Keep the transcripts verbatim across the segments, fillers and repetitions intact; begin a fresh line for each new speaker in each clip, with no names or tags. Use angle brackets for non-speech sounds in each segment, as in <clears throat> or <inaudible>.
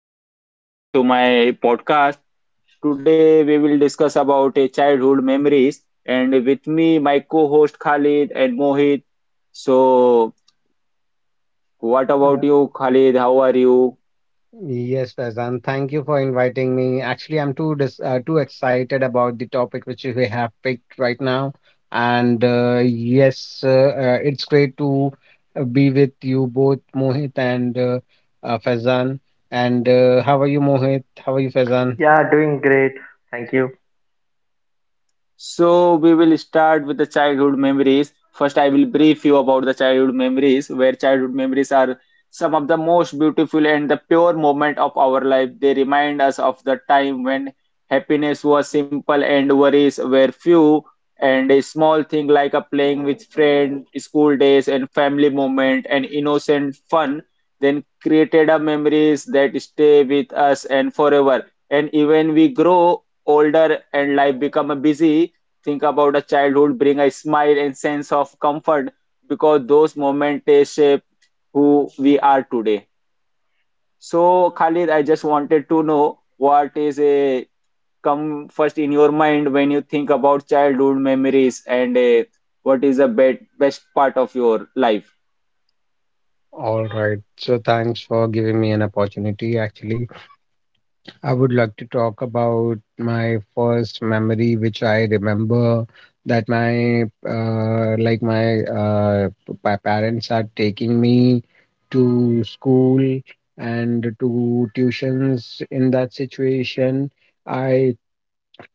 Hello everyone, welcome to my podcast. Today we will discuss about a childhood memories and with me my co-host Khalid and Mohit. So, what about
Uh,
you Khalid? How are you?
Yes, Faizan, thank you for inviting me. Actually, I'm too dis uh, too excited about the topic which you have picked right now. And uh, yes, uh, uh, it's great to uh, be with you both, Mohit and uh, uh, Faizan. And uh, how are you, Mohit? How are you, Faizan?
Yeah, doing great. Thank you.
So we will start with the childhood memories. First, I will brief you about the childhood memories, where childhood memories are some of the most beautiful and the pure moment of our life. They remind us of the time when happiness was simple and worries were few, and a small thing like a playing with friend, school days, and family moment and innocent fun then created a memories that stay with us and forever. And even we grow older and life become a busy. Think about a childhood bring a smile and sense of comfort because those moments they shape who we are today. So Khalid, I just wanted to know what is a come first in your mind when you think about childhood memories and a, what is the best best part of your life?
All right. So thanks for giving me an opportunity, actually. I would like to talk about my first memory, which I remember that my uh, like my uh, p- my parents are taking me to school and to tuitions. In that situation, I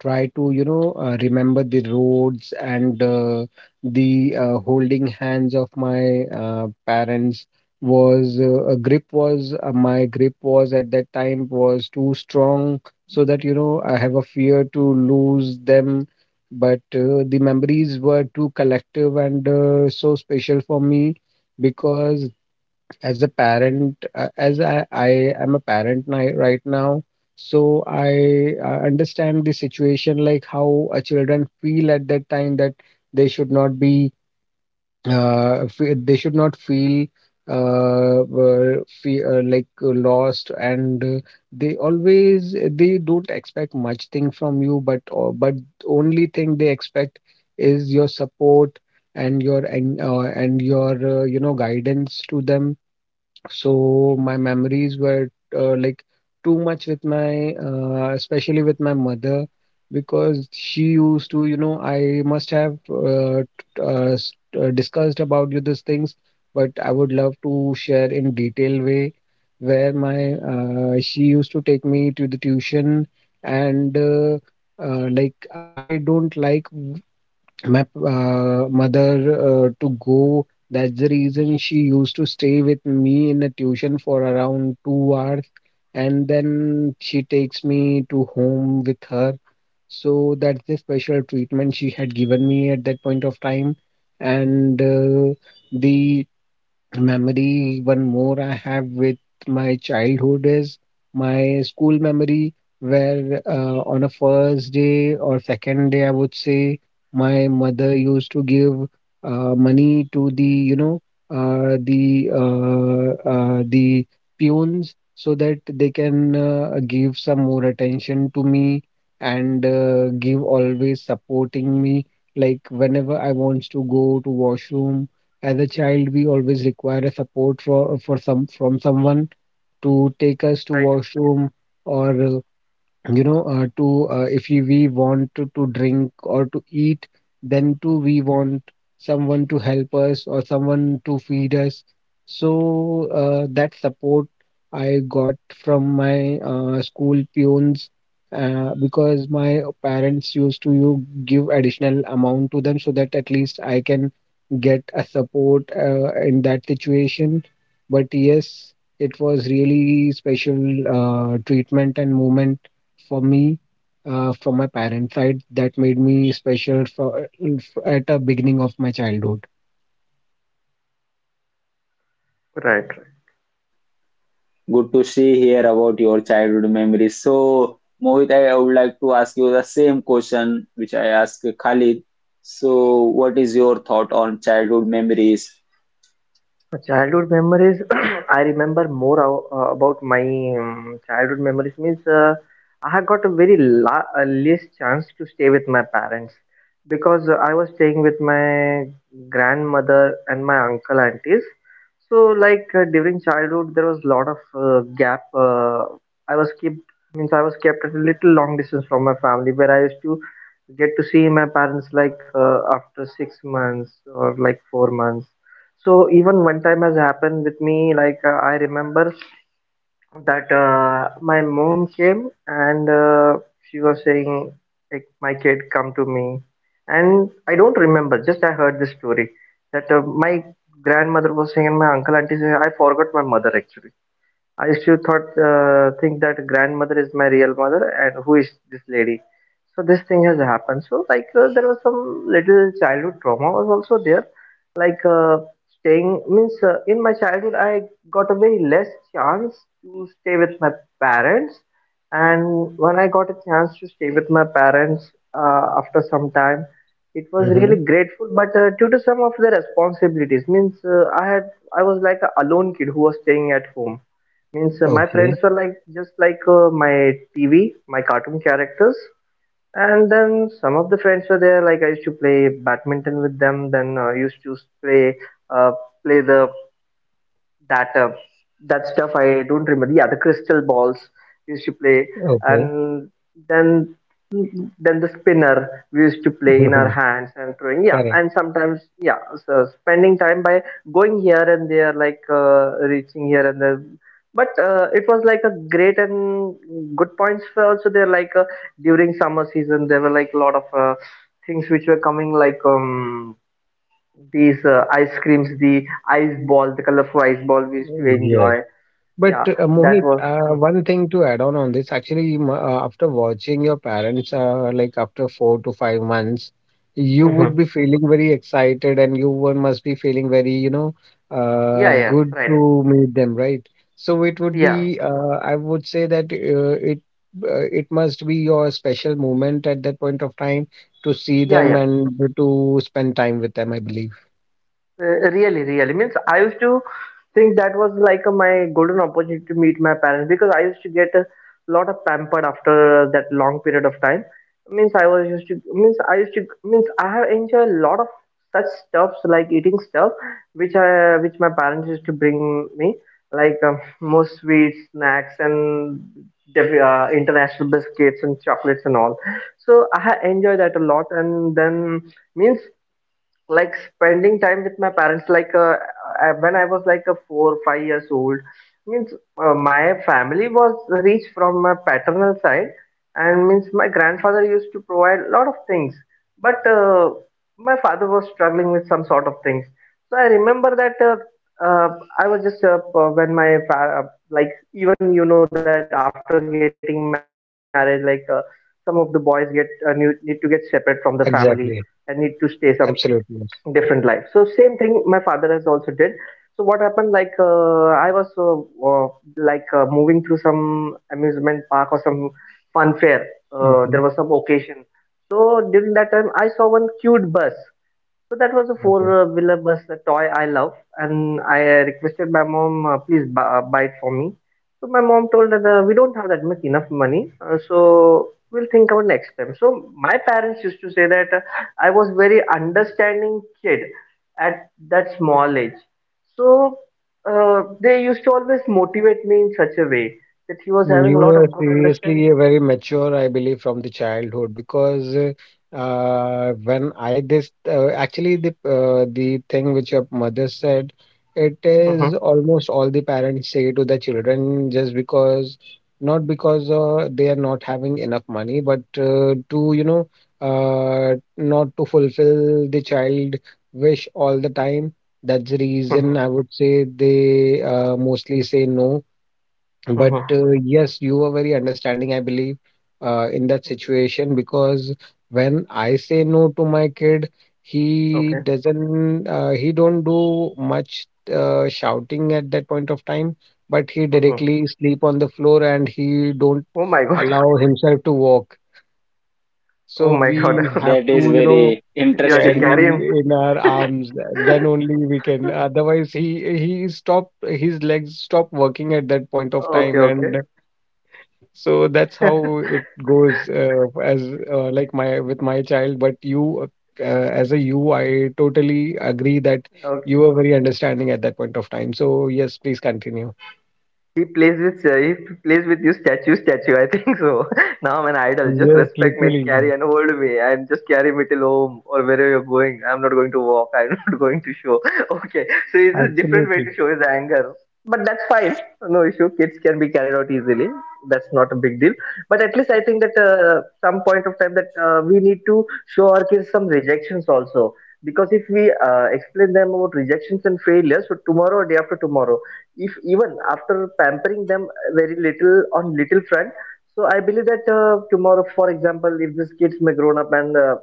try to you know uh, remember the roads, and uh, the uh, holding hands of my uh, parents was uh, a grip was uh, my grip was at that time was too strong, so that you know I have a fear to lose them. But uh, the memories were too collective and uh, so special for me, because as a parent uh, as I, I am a parent ni- right now. So i uh, understand the situation, like how a children feel at that time, that they should not be uh, fe- they should not feel uh, uh, fe- uh, like uh, lost. And uh, they always, they don't expect much thing from you, but uh, but only thing they expect is your support and your and, uh, and your uh, you know guidance to them. So my memories were uh, like too much with my, uh, especially with my mother, because she used to, you know, I must have uh, t- uh, s- uh, discussed about you these things, but I would love to share in detail way where my uh, she used to take me to the tuition. And uh, uh, like I don't like my uh, mother uh, to go. That's the reason she used to stay with me in a tuition for around two hours, and then she takes me to home with her. So that's the special treatment she had given me at that point of time. And uh, the memory one more I have with my childhood is my school memory, where uh, on a first day or second day I would say my mother used to give uh, money to the you know uh, the uh, uh, the peons, so that they can uh, give some more attention to me, and uh, give always supporting me, like whenever I wants to go to washroom. As a child, we always require a support for for some from someone to take us to
Right.
washroom. Or you know uh, to uh, if you, we want to, to drink or to eat, then too we want someone to help us or someone to feed us. So uh, that support I got from my uh, school peons, uh, because my parents used to you give additional amount to them, so that at least I can get a support uh, in that situation. But yes, it was really special uh, treatment and moment for me, uh, from my parents' side, that made me special for at the beginning of my childhood.
Right.
Good to see here about your childhood memories. So Mohit, I I would like to ask you the same question which I asked Khalid. So, what is your thought on childhood memories?
My childhood memories, <clears throat> I remember more ab- uh, about my um, childhood memories means uh, I had got a very la uh, least chance to stay with my parents because uh, I was staying with my grandmother and my uncle aunties. So like uh, during childhood, there was a lot of uh, gap. Uh, I was kept means I was kept at a little long distance from my family where I used to get to see my parents like uh, after six months or like four months, so even one time has happened with me. Like uh, I remember that uh, my mom came and uh, she was saying, like, "My kid, come to me." And I don't remember. Just I heard this story that uh, my grandmother was saying and my uncle auntie say, "I forgot my mother actually." I used to thought uh, think that grandmother is my real mother and who is this lady. So this thing has happened. So like uh, there was some little childhood trauma was also there. Like uh, staying means uh, in my childhood I got a very less chance to stay with my parents, and when I got a chance to stay with my parents uh, after some time, it was
Mm-hmm.
really grateful. But uh, due to some of the responsibilities, means uh, I had I was like a alone kid who was staying at home. Means uh, my
Okay.
friends were like just like uh, my T V, my cartoon characters, and then some of the friends were there. Like I used to play badminton with them. Then uh, I used to play uh, play the that uh, that stuff. I don't remember. Yeah, the crystal balls I used to play,
Okay.
and then then the spinner we used to play in our
<laughs>
hands and throwing, yeah,
Correct.
and sometimes, yeah, so spending time by going here and there, like uh, reaching here and there, but uh, it was like a great and good points for also there, like uh, during summer season there were like a lot of uh, things which were coming, like um these uh, ice creams, the ice ball, the colorful ice ball we used to enjoy.
Yes. But
Yeah,
uh,
that
Mohit,
was
uh,
hmm.
one thing to add on on this, actually, m- uh, after watching your parents, uh, like after four to five months, you would
Mhm.
be feeling very excited, and you would, must be feeling very, you know,
Yeah,
uh,
yeah,
good
right.
to meet them, right? So it would
Yeah,
be, uh, I would say that uh, it uh, it must be your special moment at that point of time to see
yeah,
them
yeah.
and to spend time with them, I believe.
Uh, really, really means I used to think that was like uh, my golden opportunity to meet my parents because I used to get a lot of pampered after uh, that long period of time. Means I was used to means I used to means I have enjoyed a lot of such stuffs, like eating stuff which I which my parents used to bring me, like um, more sweets, snacks, and def- uh, international biscuits and chocolates and all. So I have enjoyed that a lot, and then means like spending time with my parents, like uh, uh, when I was like a four five years old means uh, my family was rich from my paternal side, and means my grandfather used to provide a lot of things, but uh, my father was struggling with some sort of things. So I remember that uh, uh, I was just uh, p- when my fa- uh, like even you know that after getting married, like uh, some of the boys get uh, need need to get separate from the family and need to stay some
Exactly.
different life, so
Absolutely.
same thing my father has also did. So what happened, like uh, I was uh, uh, like uh, moving through some amusement park or some fun fair, uh, there was
Okay.
some occasion. So during that time I saw one cute bus, so that was a
Okay.
four-wheeler bus, a toy I love, and I uh, requested my mom, uh, please bu- uh, buy it for me. So my mom told that uh, we don't have that much enough money, uh, so we'll think about next time. So my parents used to say that uh, I was very understanding kid at that small age. So uh, they used to always motivate me in such a way that he was
Mm,
having a
you
lot
are
of good understanding.
seriously a very mature, I believe, from the childhood, because uh, uh, when I this uh, actually the uh, the thing which your mother said, it is
Hmm.
almost all the parents say to the children, just because not because uh, they are not having enough money, but uh, to you know uh, not to fulfill the child wish all the time. That's the
Hmm.
reason I would say they uh, mostly say no. But
Hmm.
uh, yes, you were very understanding, I believe, uh, in that situation, because when I say no to my kid, he
Okay.
doesn't, uh, he don't do much uh, shouting at that point of time, but he
Hmm.
directly sleep on the floor and he don't
Oh my God. <laughs>
allow himself to walk.
Oh
So
my
we
God. <laughs>
have
That is
to, you know,
very
You have to
interesting.
carry
carry him.
in our
<laughs>
arms. Then only we can. Otherwise, he he stop his legs stop working at that point of
Okay,
time.
okay.
And so that's how
<laughs>
it goes uh, as uh, like my with my child. But you, uh, as a you, I totally agree that you
Okay.
were very understanding at that point of time. So yes, please continue.
He plays with uh, he plays with you statue statue. I think so. <laughs> Now I'm an idol. Just
Yes,
respect me and
literally,
carry and hold me and just carry me till home or wherever you're going. I'm not going to walk. I'm <laughs> not going to show. <laughs> Okay, so it's a different way
absolutely.
to show his anger. But that's fine. No issue. Kids can be carried out easily. That's not a big deal. But at least I think that uh, some point of time that uh, we need to show our kids some rejections also. Because if we uh, explain them about rejections and failures, so tomorrow or day after tomorrow, if even after pampering them very little on little front, so I believe that uh, tomorrow, for example, if these kids may grown up and uh,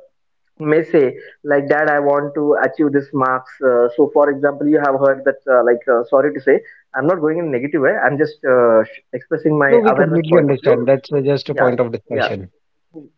may say like, dad, I want to achieve this marks, uh, so for example you have heard that uh, like uh, sorry to say, I'm not going in negative way, I'm just uh, sh- expressing my
No, we
awareness
completely
point of view.
understand. That's uh, just a
Yeah,
point of
yeah,
discussion.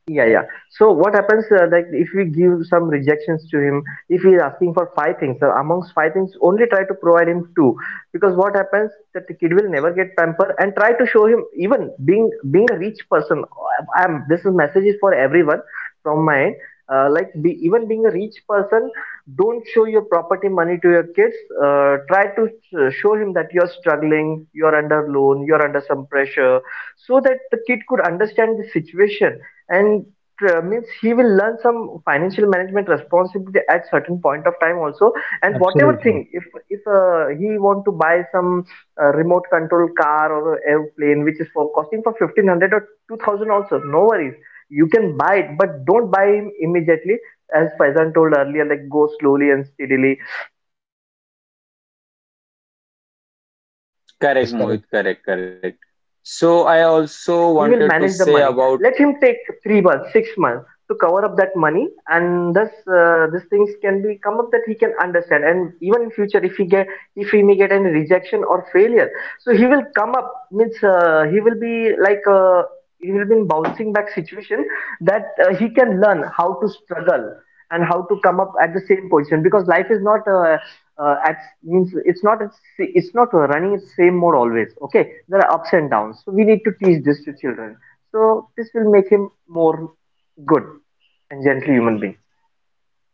yeah, yeah. So what happens, uh, like if we give some rejections to him, if he is asking for five things, so amongst five things, only try to provide him two, because what happens that the kid will never get pampered, and try to show him even being being a rich person. Uh, I'm this is message is for everyone from my end. Uh, like be, even being a rich person, don't show your property money to your kids. Uh, try to uh, show him that you're struggling, you're under loan, you're under some pressure, so that the kid could understand the situation and uh, means he will learn some financial management responsibility at certain point of time also, and whatever thing
Absolutely.
if if uh, he want to buy some uh, remote control car or airplane which is for costing for fifteen hundred or two thousand, also no worries, you can buy it, but don't buy him immediately. As Faizan told earlier, like go slowly and steadily, so that he can understand, i- imports we can uh, provide him like a pocket
<laughs>
Yes,
money
Correct,
correct.
Mohit.
and like
Correct,
uh, in
correct.
such a way, what uh,
So
what
I
will happen,
also
he will
wanted to
manage the
say
money.
about
Let him take three months six months to cover up that money, and thus uh, these things can be come up that he can understand, and even in future if he get if he may get any rejection or failure, so he will come up means uh, he will be like uh, he will be in bouncing back situation, that uh, he can learn how to struggle and how to come up at the same position, because life is not uh, uh, at means it's not it's not running its same mode always. Okay, there are ups and downs, so we need to teach this to children, so this will make him more good and gentle human being.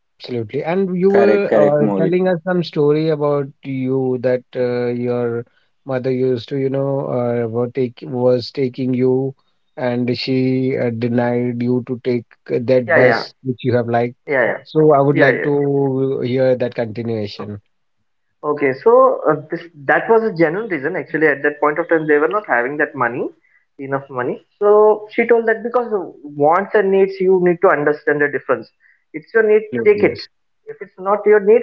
Absolutely. And you
correct,
were
correct,
uh,
Mohit.
telling us some story about you that uh, your mother used to, you know, uh, were take, was taking you, and she uh, denied you to take that
Yeah, yeah,
bus which you have liked.
yeah,
So I would
yeah, yeah,
like
yeah.
to hear that continuation.
Okay, so uh, this that was a genuine reason. Actually, at that point of time, they were not having that money, enough money. So she told that, because the wants and needs, you need to understand the difference. It's your need, take
Absolutely,
it.
yes.
If it's not your need,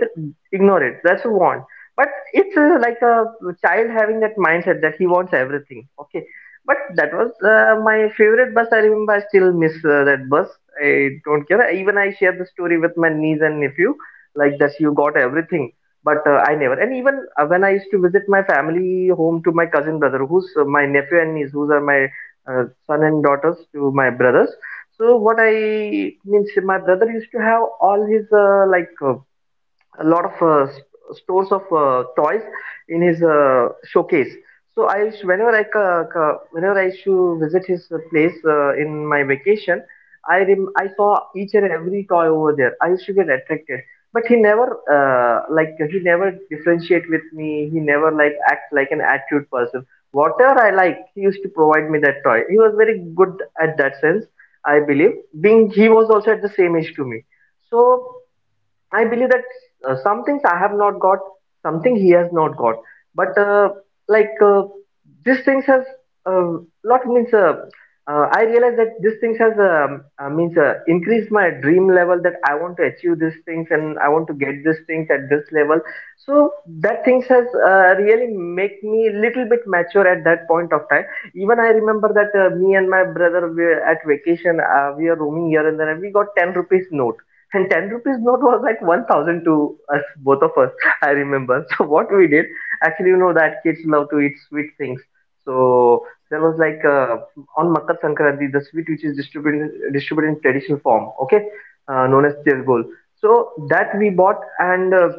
ignore it. That's a want. But it's uh, like a child having that mindset that he wants everything. Okay, but that was uh, my favorite bus. I remember. I still miss uh, that bus. I don't care. Even I share the story with my niece and nephew. Like that, you got everything, but uh, I never. And even uh, when I used to visit my family home to my cousin brother, who's uh, my nephew and niece, who's are my uh, son and daughters to my brothers. So what I means, my brother used to have all his uh, like uh, a lot of uh, s- stores of uh, toys in his uh, showcase. So I, used- whenever I, ca- ca- whenever I used to visit his uh, place uh, in my vacation, I rem- I saw each and every toy over there. I used to get attracted, but he never uh, like he never differentiate with me. He never like act like an attitude person. Whatever I like, he used to provide me that toy. He was very good at that sense, I believe. Being he was also at the same age to me, so. I believe that uh, some things I have not got, something he has not got. But uh, like uh, these things has uh, lot means. Uh, uh, I realize that these things has um, uh, means uh, increased my dream level that I want to achieve these things and I want to get these things at this level. So that things has uh, really make me little bit mature at that point of time. Even I remember that uh, me and my brother were at vacation. Uh, we are roaming here and there, and we got ten rupees note and ten rupees note was like one thousand to us, both of us, <laughs> I remember. So, what we did, actually, you know that kids love to eat sweet things. So, there was like uh, on Makar Sankranti, the sweet which is distributed, distributed in traditional form, okay, uh, known as Tirgol. So, that we bought and uh,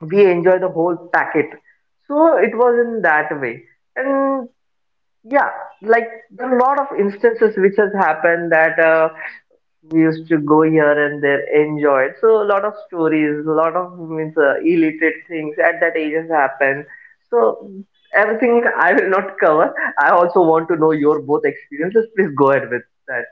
we enjoy the whole packet. So it was in that way. And yeah, like there are a lot of instances which has happened that uh, we used to go here and there, enjoy it. So a lot of stories, a lot of means uh, illiterate things at that age has happened. So everything I will not cover. I also want to know your both experiences. Please go ahead with that.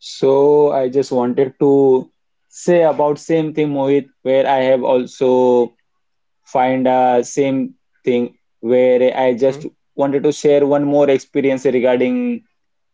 So I just wanted to say about same thing, Mohit, where I have also find a same thing where I
hmm
just wanted to share one more experience regarding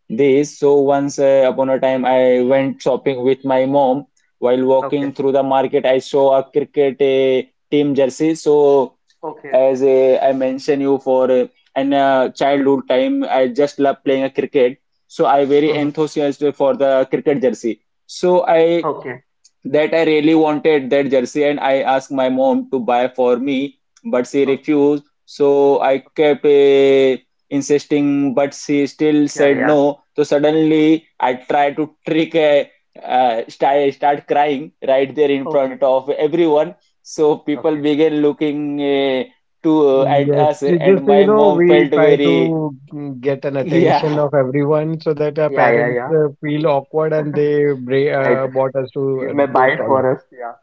this. So once uh, upon a time, I went shopping with my mom. While
Okay.
walking through the market, I saw a cricket uh, team jersey. So
Okay.
as a, I mentioned you for uh, in uh, childhood time, I just love
hmm
playing a cricket. So I very
hmm
enthusiastic for the cricket jersey. So I
Okay.
that I really wanted that jersey and I asked my mom to buy for me, but she
Okay.
refused. So I kept uh, insisting, but she still
Yeah.
said
Yeah.
no. So suddenly I tried to trick uh, uh, start, start crying right there in
Okay.
front of everyone. So people
Okay.
began looking uh, to eh, at
Yes,
us,
ju- just
and
so you
my
know,
mom
we
felt
try
very.
to mm, get an
<laughs>
attention
Yeah.
of everyone so that our
Yeah. Yeah.
parents
Yeah.
uh, feel awkward and they bra-
Right.
uh, brought us to
You
uh,
may buy
those
it
toys.
for us. Yeah.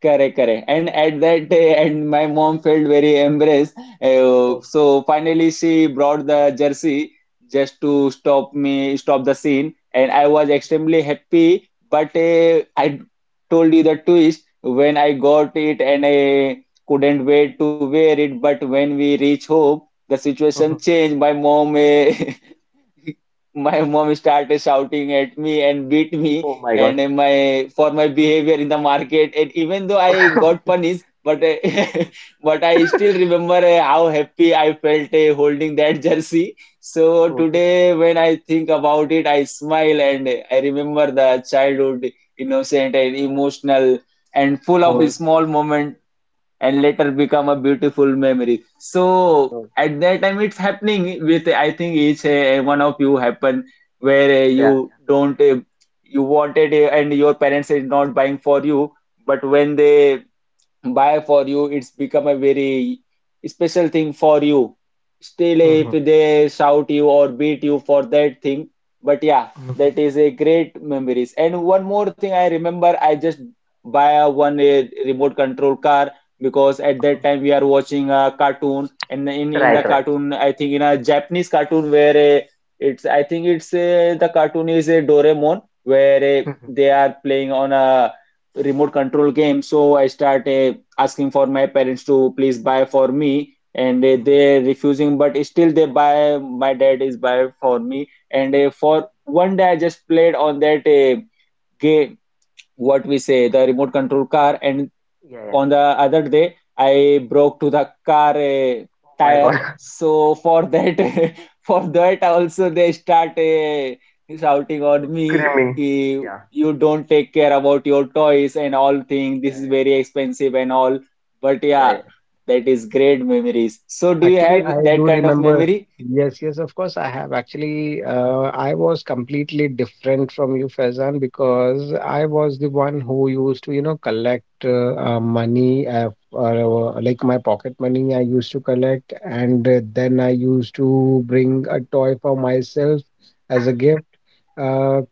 Correct, correct. And at that day, and my mom felt very embarrassed. Uh,
Okay.
so finally, she brought the jersey just to stop me, stop the scene. And I was extremely happy. But uh, I told you the twist when I got it, and I couldn't wait to wear it. But when we reach home, the situation
hmm
changed. My mom uh, <laughs> my mom started shouting at me and beat me
Oh my
and
God.
uh, my for my behavior in the market. And even though
<laughs>
I got
okay.
punished, but uh, <laughs> but I still remember uh, how happy I felt uh, holding that <laughs> jersey. So
Okay.
today, when I think about it, I smile and uh, I remember the childhood innocent and
Memories.
emotional and full of
Moments.
small moments and later become a beautiful memory. So
Okay.
at that time, it's happening with I think each uh, one of you happen where uh,
Yeah.
you don't uh, you wanted uh, and your parents is not buying for you, but when they buy for you it's become a very special thing for you, still if
hmm
they shout you or beat you for that thing. But yeah, that is a great memories and one more thing I remember, I just buy a one a remote control car because at that time we are watching a cartoon and in in
Try,
the
try.
cartoon, I think in a Japanese cartoon where a, it's I think it's a, the cartoon is a Doraemon where a, they are playing on a remote control game. So I start a asking for my parents to please buy for me and they, they're refusing, but still they buy, my dad is buy for me and uh, for one day I just played on that uh, game, what we say the remote control car. And
Yeah, yeah.
on the other day I broke to the car uh,
Oh my
tire,
god, <laughs>
so for that <laughs> for that also they start uh, shouting on me.
screaming.
He,
Yeah,
you don't take care about your toys and all thing,
yeah,
this is
yeah,
very expensive and all, but
yeah,
yeah,
yeah.
that is great memories. So do you have
Actually, I
that
do
kind of
remember.
memory?
Yes, yes, of course, I have. Actually, uh, I was completely different from you, Faizan, because I was the one who used to, you know, collect uh, uh, money, uh, or, uh, like my pocket money, I used to collect, and uh, then I used to bring a toy for myself as a gift. Uh,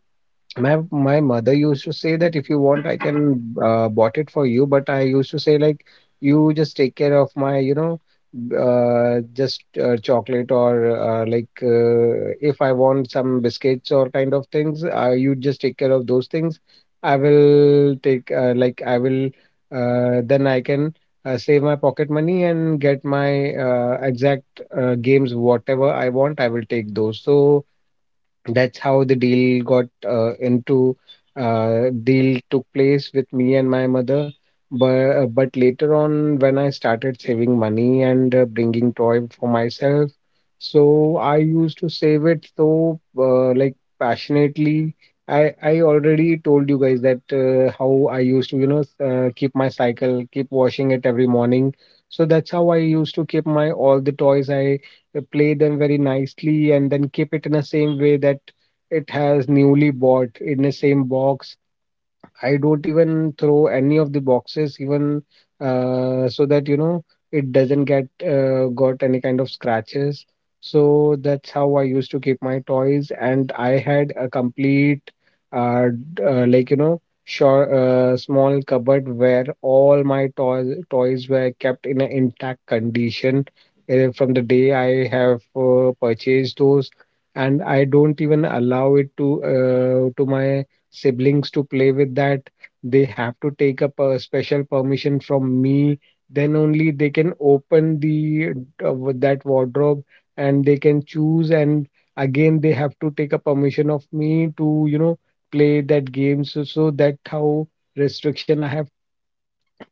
my my mother used to say that if you want, I can uh, bought it for you. But I used to say like, you just take care of my, you know, uh, just uh, chocolate or uh, like uh, if I want some biscuits or kind of things, uh, you just take care of those things. I will take uh, like I will uh, then I can uh, save my pocket money and get my uh, exact uh, games whatever I want. I will take those. So that's how the deal got uh, into uh, deal took place with me and my mother. But uh, but later on when I started saving money and uh, bringing toy for myself, so I used to save it so uh, like passionately. I i already told you guys that uh, how i used to you know uh, keep my cycle, keep washing it every morning. So that's how I used to keep my all the toys. I uh, play them very nicely and then keep it in the same way, that it has newly bought in the same box. I don't even throw any of the boxes even, uh, so that you know it doesn't get uh, got any kind of scratches. So that's how I used to keep my toys, and I had a complete uh, d- uh, like you know short uh, small cupboard where all my toys toys were kept in an intact condition uh, from the day I have uh, purchased those. And I don't even allow it to uh, to my siblings to play with that. They have to take up a special permission from me. Then only they can open the uh, that wardrobe, and they can choose. And again, they have to take a permission of me to, you know, play that game. So, so that how restriction I have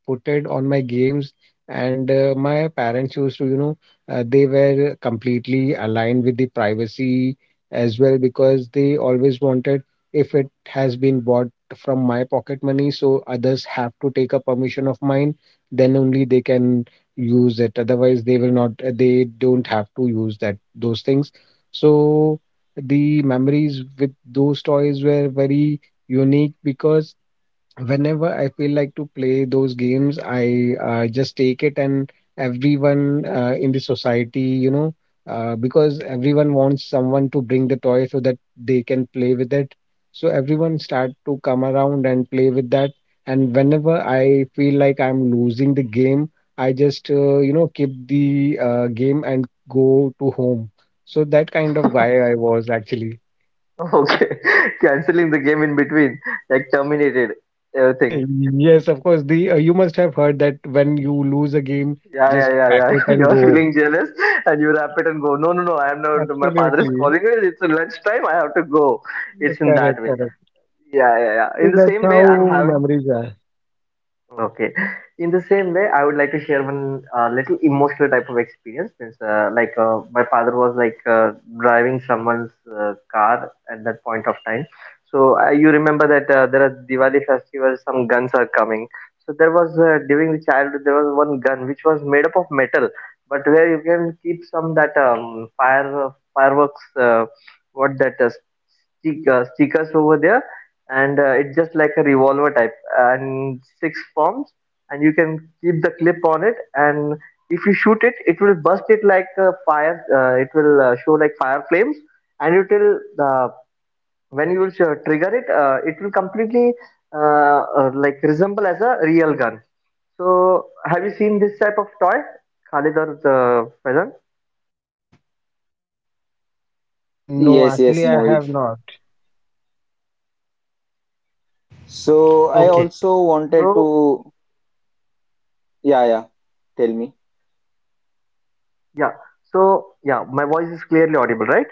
put it on my games. And uh, my parents used to, you know, uh, they were completely aligned with the privacy as well, because they always wanted, if it has been bought from my pocket money, so others have to take a permission of mine, then only they can use it. Otherwise, they will not, they don't have to use that those things. So the memories with those toys were very unique, because whenever I feel like to play those games, I uh, just take it, and everyone uh, in the society, you know, uh, because everyone wants someone to bring the toy so that they can play with it. So everyone start to come around and play with that. And whenever I feel like I'm losing the game, I just, uh, you know, keep the uh, game and go to home. So that kind of guy I was actually.
Yeah. <laughs> Okay, <laughs> canceling the game in between, like terminated
Eh,
everything.
yes, of course. The uh, you must have heard that when you lose a game,
Yeah, yeah,
just
yeah,
pack it
yeah. <laughs>
and
You're
go.
feeling jealous, and you wrap it and go. No, no, no. I'm not. My father is
Absolutely.
calling me. It's lunchtime. I have to go. It's in that
Correct,
way.
correct.
Yeah, yeah, yeah.
So
In the
that's
same
how
way, I'm having.
memories are.
Okay. In the same way, I would like to share one uh, little emotional type of experience. Means, uh, like uh, my father was like uh, driving someone's uh, car at that point of time. So uh, you remember that uh, there are Diwali festivals, some guns are coming. So there was uh, during the childhood there was one gun which was made up of metal, but where you can keep some that um, fire fireworks, uh, what that uh, stick, uh, stickers over there, and uh, it's just like a revolver type and six forms and you can keep the clip on it and if you shoot it it will burst it like a fire uh, it will uh, show like fire flames and it will uh, when you will uh, trigger it uh, it will completely uh, uh, like resemble as a real gun. So have you seen this type of toy, Khalid, or uh,
Uh, no,
Yes, yes
actually, I
Mohit,
have not.
so I also wanted to, yeah yeah, tell me,
Yeah. So yeah, my voice is clearly audible, right?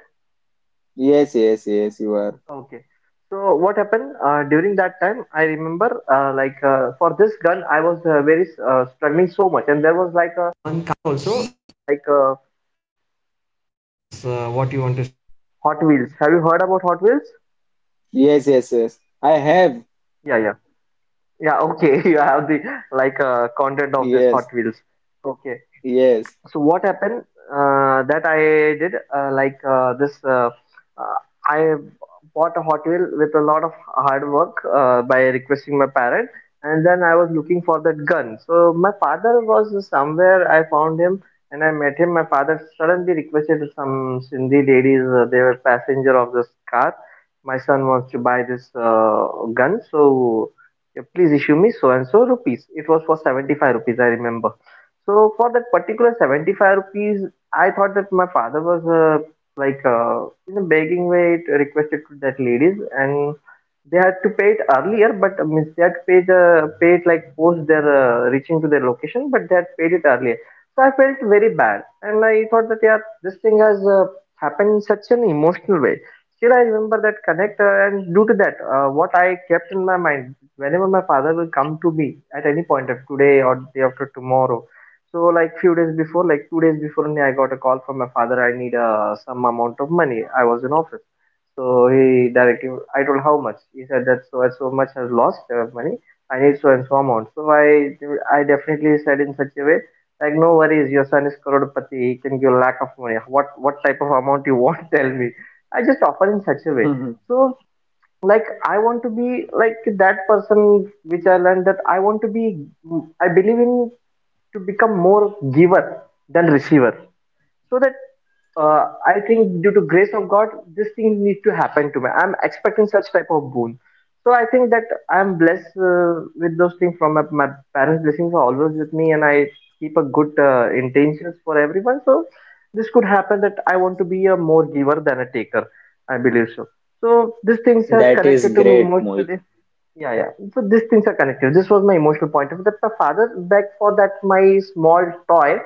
yes yes yes you are,
Okay. So what happened uh, during that time? I remember, uh, like uh, for this gun, I was uh, very uh, struggling so much, and there was
yes yes yes I have.
the like uh, content of this Hot
Yes,
Wheels. Okay,
yes.
so what happened uh, that I did uh, like uh, this uh, uh, I bought a Hot Wheel with a lot of hard work uh, by requesting my parent. And then I was looking for that gun, so my father was somewhere. I found him and I met him. My father suddenly requested some Sindhi ladies, uh, they were passenger of this car. My son wants to buy this uh, gun, so uh, please issue me so and so rupees. It was for seventy-five rupees, I remember. So for that particular seventy-five rupees, I thought that my father was uh, like uh, in a begging way it requested to that ladies, and they had to pay it earlier, but uh, means they had to pay the pay it like post their uh, reaching to their location, but they had paid it earlier. So I felt very bad, and I thought that yeah, this thing has uh, happened in such an emotional way. Still, I remember that connect, uh, and due to that, uh, what I kept in my mind whenever my father will come to me at any point of today or day after tomorrow. So like few days before, like two days before only, I got a call from my father. I need uh, some amount of money. I was in office, so he directly. I told how much. He said that so and so much has lost uh, money. I need so and so amount. So I I definitely said in such a way like no worries. Your son is crorepati. He can give lack of money. What what type of amount you want? <laughs> Tell me. I just offer in such a
<laughs>
way.
Mhm.
So like I want to be like that person which I learned that I want to be. I believe in to become more giver than receiver, so that uh, I think due to grace of god this thing needs to happen to me. I'm expecting such type of boon. So I think that I'm blessed uh, with those things from my, my parents. Blessings are always with me, and I keep a good uh, intentions for everyone. So this could happen, that I want to be a more giver than a taker, I believe so. So these things has
That is
connected to me
great, Mohit.
emotionally. Yeah, yeah. So these things are connected. This was my emotional point of view, that my father begged for that my small toy,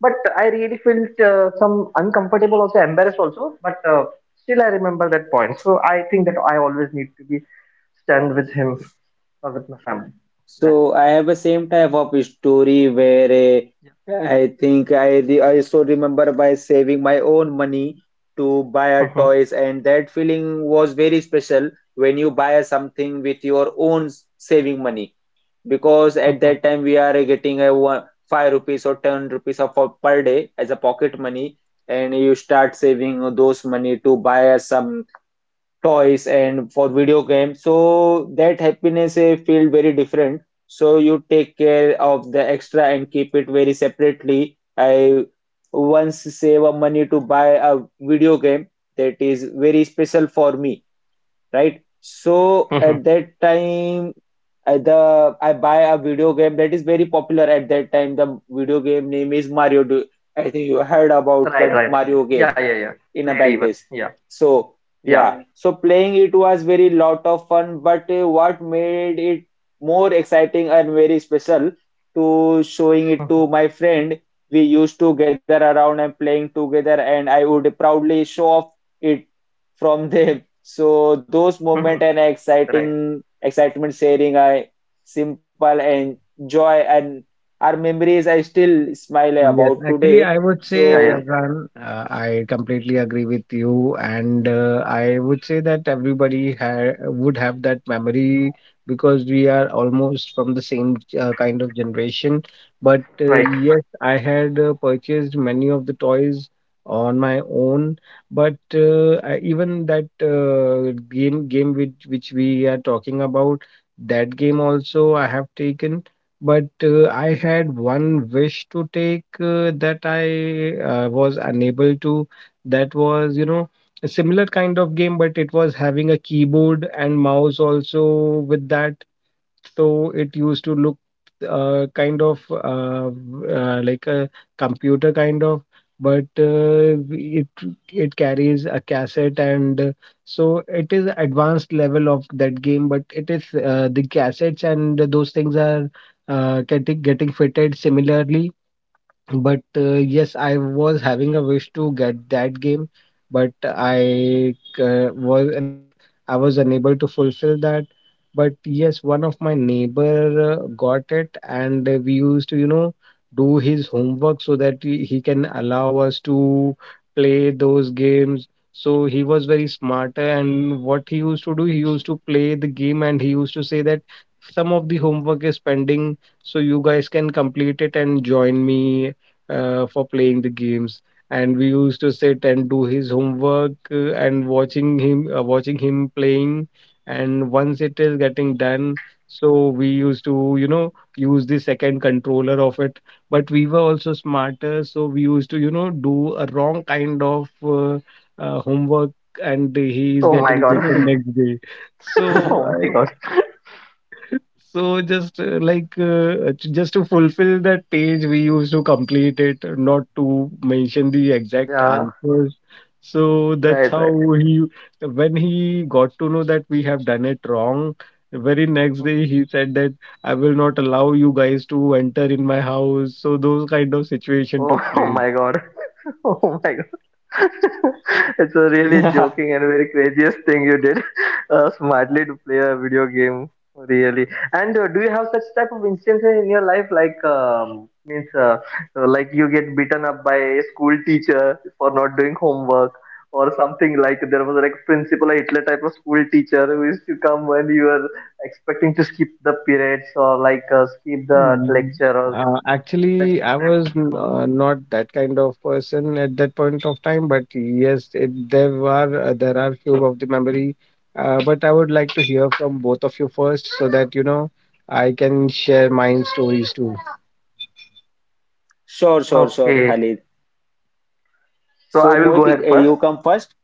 but I really felt uh, some uncomfortable, also embarrassed, also. But uh, still, I remember that point. So I think that I always need to be stand with him or with my family. That's it.
So I have a same type of story where eh, I think I re I also remember by saving my own money to buy
Yeah.
a
Mhm,
toys, and that feeling was very special when you buy something with your own s- saving money because
mhm,
at
correct.
that time we are getting a one, five rupees or ten rupees of per day as a pocket money, and you start saving those money to buy some toys and for video games. So that happiness eh, feel very different. So you take care of the extra and keep it very separately. I once save a money to buy a video game that is very special for me, right? So
Mhm.
at that time, I, the I buy a video game that is very popular at that time. The video game name is Mario. Do, I think you heard about
Right,
the
right, right.
Mario
Yeah,
game
yeah, yeah.
in a
Played
back
even.
days.
Yeah,
So
yeah.
yeah, so playing it was very lot of fun, but uh, what made it more exciting and very special to showing it
Mhm,
to my friend. We used to gather around and playing together, and I would proudly show off it from <laughs> them. So those moment
mhm.
and
Right.
exciting excitement sharing I simple and joy and our memories I still smile about
Yes,
today.
actually, I would say,
Yeah,
So
yeah.
Faizan, uh, I completely agree with you, and uh, I would say that everybody ha would have that memory, because we are almost from the same uh, kind of generation. But uh,
Right.
yes, I had uh, purchased many of the toys on my own, but uh, I- even that uh, game game which which we are talking about. That game also I have taken, but uh, I had one wish to take, uh, that I uh, was unable to. That was, you know, a similar kind of game, but it was having a keyboard and mouse also with that. So it used to look uh, kind of uh, v- uh, like a computer kind of, but uh, it it carries a cassette, and uh, so it is advanced level of that game. But it is uh, the cassettes, and those things are uh, getting getting fitted similarly, but uh, yes, I was having a wish to get that game, but I uh, was like I was unable to fulfill that. But yes, one of my neighbor uh, got it, and uh, we used to, you know do his homework so that he, he can allow us to play those games. So he was very smart, and what he used to do, he used to play the game, and he used to say that some of the homework is pending, so you guys can complete it and join me uh, for playing the games. And we used to sit and do his homework, uh, and watching him uh, watching him playing. And once it is getting done, so we used to, you know use the second controller of it. But we were also smarter, so we used to, you know do a wrong kind of uh, uh, homework, and he is
Oh my
getting
God.
beaten
<laughs>
next day.
<laughs>
so
Oh my God.
so just uh, like, uh, j- just to fulfill that page, we used to complete it, not to mention the exact
Yeah.
answers. So that's
Right,
how
right.
he, when he got to know that we have done it wrong, the very next day he said that I will not allow you guys to enter in my house. So those kind of situation
Oh,
took
<laughs> oh
place.
my god. <laughs> Oh my god. <laughs> It's a really
yeah.
joking and very craziest thing you did, <laughs> uh, smartly to play a video game. Really. And uh, do you have such type of instances in your life like um, means uh, uh, like you get beaten up by a school teacher for not doing homework or something, like there was like principal Hitler type of school teacher who used to come when you were expecting to skip the periods or like uh, skip the
Mm,
lecture or
Uh,
that
actually, I
type
was n-
of-
uh, not that kind of person at that point of time, but yes, it, there are uh, there are few of the memory. Uh, but I would like to hear from both of you first, so that, you know I can share my stories too.
Sure, sure, sure,
Okay.
Khalid.
So
So,
I will go
Mohit,
ahead
eh,
first.
you come first?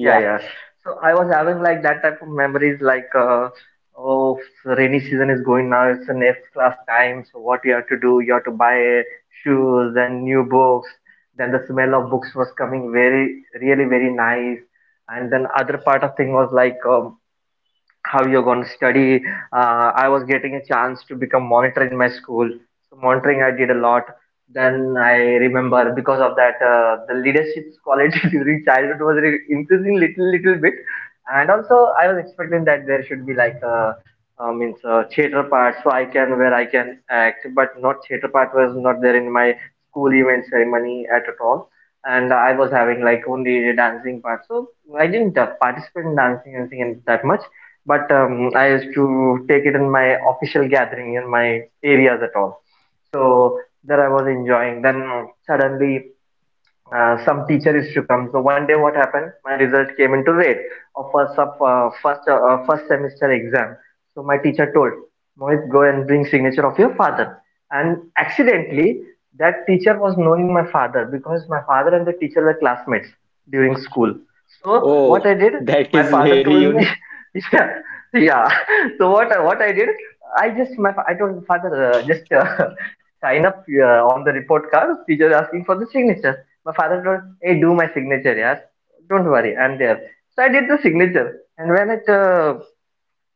Yeah, yeah. So I was having like that type of memories, like uh, oh, rainy season is going now. It's an F class time. So what you have to do? You have to buy shoes, then new books. Then the smell of books was coming very, really very nice. And then other part of thing was like um, how you're going to study. Uh, I was getting a chance to become monitor in my school. So monitoring I did a lot. Then I remember because of that uh, the leadership quality <laughs> during childhood was re- increasing little little bit, and also I was expecting that there should be like a uh, means uh, theater part so I can where I can act, but not theater part was not there in my school event ceremony at all. And I was having like only dancing part, so I didn't uh, participate in dancing anything and that much, but um, I used to take it in my official gathering in my areas at all. So there I was enjoying. Then suddenly uh, some teacher is to come. So one day, what happened? My result came into red of first of uh, first uh, uh, first semester exam. So my teacher told, Mohit, go and bring signature of your father. And accidentally, that teacher was knowing my father because my father and the teacher were classmates during school. So
Oh,
what I did,
that
my
is
father
very
told
unique.
me, <laughs> yeah, yeah. So what I- what I did, I just my fa- I told father uh, just uh, <laughs> sign up uh, on the report card. Teacher is asking for the signatures. My father told, hey, do my signature, yeah. Don't worry, I'm there. So I did the signature. And when it, uh,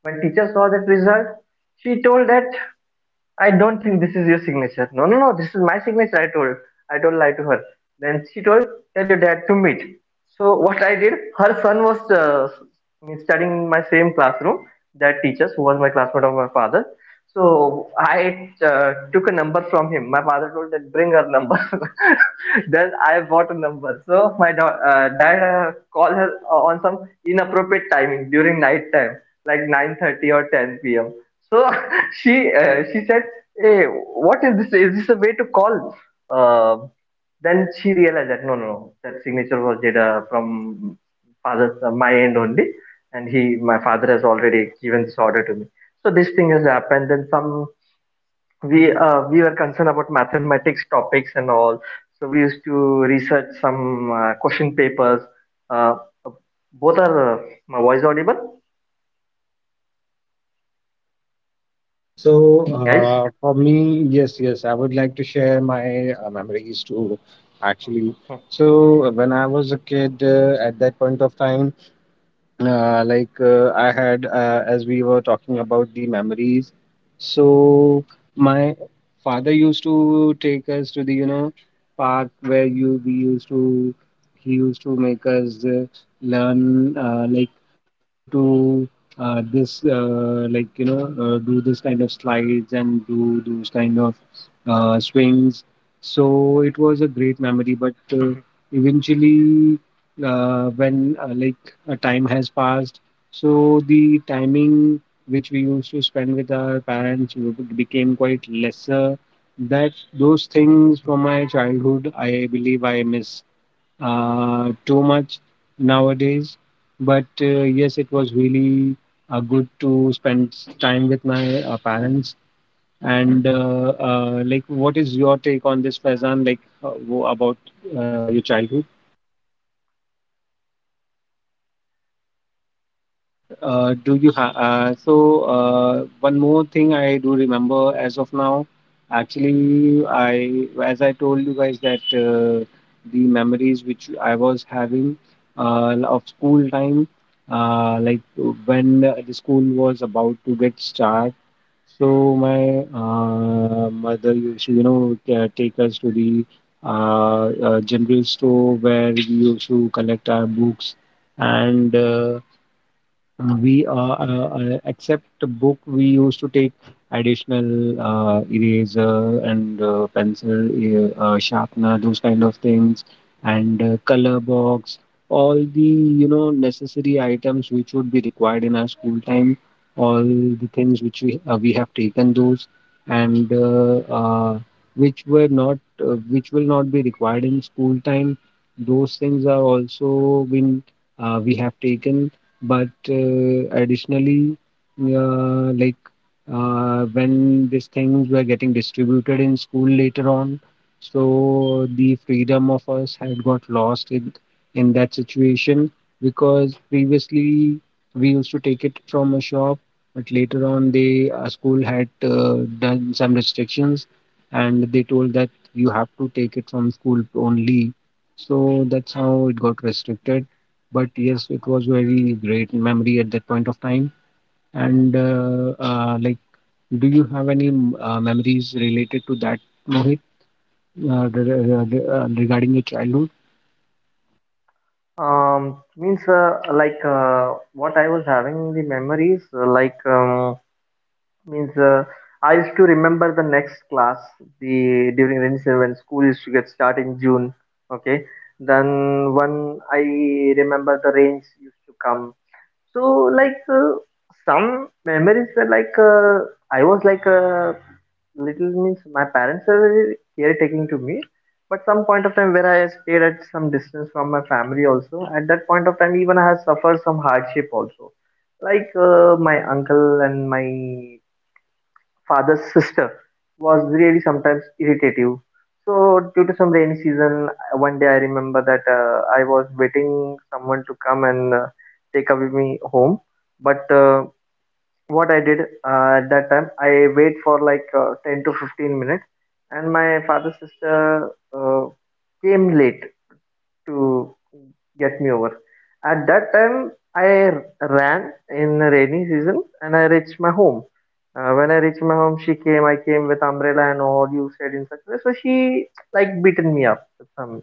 when teacher saw that result, she told that I don't think this is your signature. No, no, no, this is my signature, I told. I don't lie to her. Then she told, tell your dad to meet. So what I did, her son was uh, studying in my same classroom, that teacher who was my classmate of my father. So I uh, took a number from him. My father told that bring her number. <laughs> Then I bought a number. So my da- uh, dad uh, called her uh, on some inappropriate timing during night time, like nine thirty or ten p m.
<laughs>
So
Yeah.
<laughs> she uh, she said, hey, what is this? Is this a way to call? Uh, then she realized that no, no, no, that signature was
That is very
Jada
smart play.
from father's uh, my end only, and he, my father has already given this order to me. So this thing has happened. Then some we uh, we were
So, I
concerned about
think Khalid
mathematics
also
topics and
same
all,
thing for
so we
me
used to
also,
research some uh,
where eh,
question
I
papers.
when
Uh,
in a, in a
Both
school
are uh,
memories eh,
my voice
where the
audible,
teacher eh, I'm not that kind of person who is a top
So
performer,
guys.
uh,
but
for
yeah, it's
me,
kind
yes,
of uh,
yes,
the
I would like to
average eh,
share
and uh,
my uh,
as you can
memories
say the
too.
above average person
Actually, so
where
uh,
eh,
when
I
I was
just
a
uh,
kid, uh, at that point of time.
doing each
Uh,
and
like,
everything
uh,
and
I
doing
had
homework on
uh,
a
as we
time,
were
but
talking about the
sometime eh, if
memories.
we do
So
not uh, done a
my
homework then
father
we will
used to
used
take
to
us to the, you
say the
know
excuse,
park, where
same kind
you
of
we used
excuse eh,
to he
today
used
I
to make
forgot my
us uh,
notebook eh,
learn, uh, like
in a
how
home
to,
and I did eh,
uh,
i
this
i have
uh,
done
like, you
my
know
homework
uh, do this
but
kind of
eh, then
slides and do
teacher
those kind
say the
of
same and
uh,
common thing I think
swings.
you also heard
So
about
it was a great
from
memory,
your
but
teacher
uh,
also where the teacher
eventually,
says eh,
uh,
you
when, uh, like,
don't
uh, time has
have
passed.
you forgot
So
about
the
eating your food,
timing
but
which
you
we used to
still
spend with
forget
our
eh, to take
parents
a
w-
notebook
became
from
quite
the home?
lesser. That
So
Those
<laughs>
that
things
is
from my
kind of
childhood,
memories I
I
still
believe I
remember
miss
when we used to
uh,
make
too
a
much
fun out of eh,
nowadays.
each and every
But
person
uh,
in
yes,
in
it
the
was
recess time
really
for
uh,
the
good
lunch
to
break or
spend
as
s-
you can
time
say
with
the for
my
a
uh, parents.
breakfast break.
And
So
uh,
they those
uh,
t-
like,
kind of
what is your
memories
take
are
on this,
very
Faizan? Like,
unique
uh,
and
wo-
very
about
different
uh, your
when we
childhood?
meet a right now when we meet our class teacher or a
Uh, do you ha- uh,
principal
so
and we talk
uh,
about
one
those
more
kind
thing
of
I do
memories with
remember as of
them,
now.
so they also are
Actually,
enjoying and
I,
saying
as I told you
if
guys,
those
that
may those
uh,
days are very
the
different
memories
and
which I
today's
was having
child are
uh,
different
of
because
school
our
time,
time eh,
uh, like,
people
when
teacher are
the
used
school was
to
about to
be
get start.
getting
So my
a
uh,
for that
mother
kind of
used
very
to, you
strict
know,
and
ta- take
nowadays
us
the
to
teacher
the
are very
uh,
soft
uh,
and eh,
general store,
they are
where we
very
used
not
to
kind of
collect our
rude,
books
they are just
and.
eh,
Uh,
trying to take care or
uh,
you
we
just
uh,
make you
uh,
are
uh, except
comfortable
the
in a
book we
classroom,
used to
but
take
eh, in our
additional
time
uh,
the depression and
eraser
each and
and uh,
everything is very
pencil,
less
uh, uh,
and eh,
sharpener, those kind
the
of
teacher
things,
also not
and
eh,
uh,
mind
color
eh, if
box,
they
all the
shouting
you
you
know
on a
necessary
whole
items which would be
classroom,
required in our
so
school
that is
time.
very different
All
thing and
the things
nowadays
which
the,
we
the
uh, we have
change
taken
the thing
those,
are change where
and uh,
people
uh,
are
which were
very
not uh, which will not
think
be
about
required
their are
in
in
school
that
time,
teacher are
those things
insulting
are
you,
also been
so that is
uh, we
very
have
different
taken.
I
But
think
uh,
in today's
additionally,
generation. So,
uh,
but in
like,
our generation that
uh,
we don't
when
care
these
about
things
uh,
were getting
what teacher
distributed in
said,
school
we
later on,
just say yeah teacher
so
is
the
saying a good
freedom of
thing
us
for
had
uh,
got
us,
lost in,
so
in
we
that
have to follow
situation.
but uh,
Because
later on we don't care
previously
about what
we used to take it
teacher said.
from a shop, but later on the uh, school had uh, done some restrictions, and they told that you have to take
So
it
I
from
would
school
like to
only.
ask uh,
So that's
you for
how it got
both,
restricted, but yes, it was
what
very
do you
great
heard
memory at
about
that point of
uh,
time.
childhood
And
memories that
uh,
like we
uh,
are
like,
listening a
do you have
music
any
on
mm,
a
uh,
airport
memories related to that,
where we
Mohit,
used to
uh,
get
re-
a
re- re-
for
uh, regarding your
one hundred rupees
childhood?
or two hundred rupees of airport where uh,
Um,
we
means
insert
uh,
a
like
memory card
uh,
and
What
listening
I
a
was
music.
having the memories uh, like
So do you
um,
ever use those
means
kind
uh,
of
I
gadgets
used to remember the
in
next
your
class
childhood?
the during rainy season when school used to get start in June. Okay, then when I
Mohit and Kali, do
remember
you
the
have
rains used to come. So like uh, some memories were
or you
like
have done
uh, I
anything
was like uh, little. Means
that
my
kind of
parents are very
activity?
caretaking to me, but some point of time where I stayed at some distance from my family also, at that point of time even I had suffered some hardship also. Like uh, my uncle and my father's <laughs> sister was really sometimes irritative.
But
So due
yeah,
to some rainy
that is
season,
a
one day I remember that
great thing
uh, I
for
was waiting
us
someone
to
to come
discuss
and uh,
about our
take away
childhood
me home,
memories, eh, where
but
eh,
uh,
we used to
what I did
ride a
uh, at that time,
cycle
I wait
in
for
our
like uh, ten to
school
fifteen
days
minutes, and
where we
my father's
just for a
sister
rent
uh,
for two rupees
came
or
late
three rupees for per
to
hour, and we
get me
just were
over.
roaming around
At
on a
that time,
society
I
on our
ran
local
in the rainy
street.
season and I
So
reached my
that
home.
kind of
Uh,
memories
when I
is
reached my
also
home, she came. I
very
came with
interesting.
umbrella and all you said in such a way. So she like beaten me up with some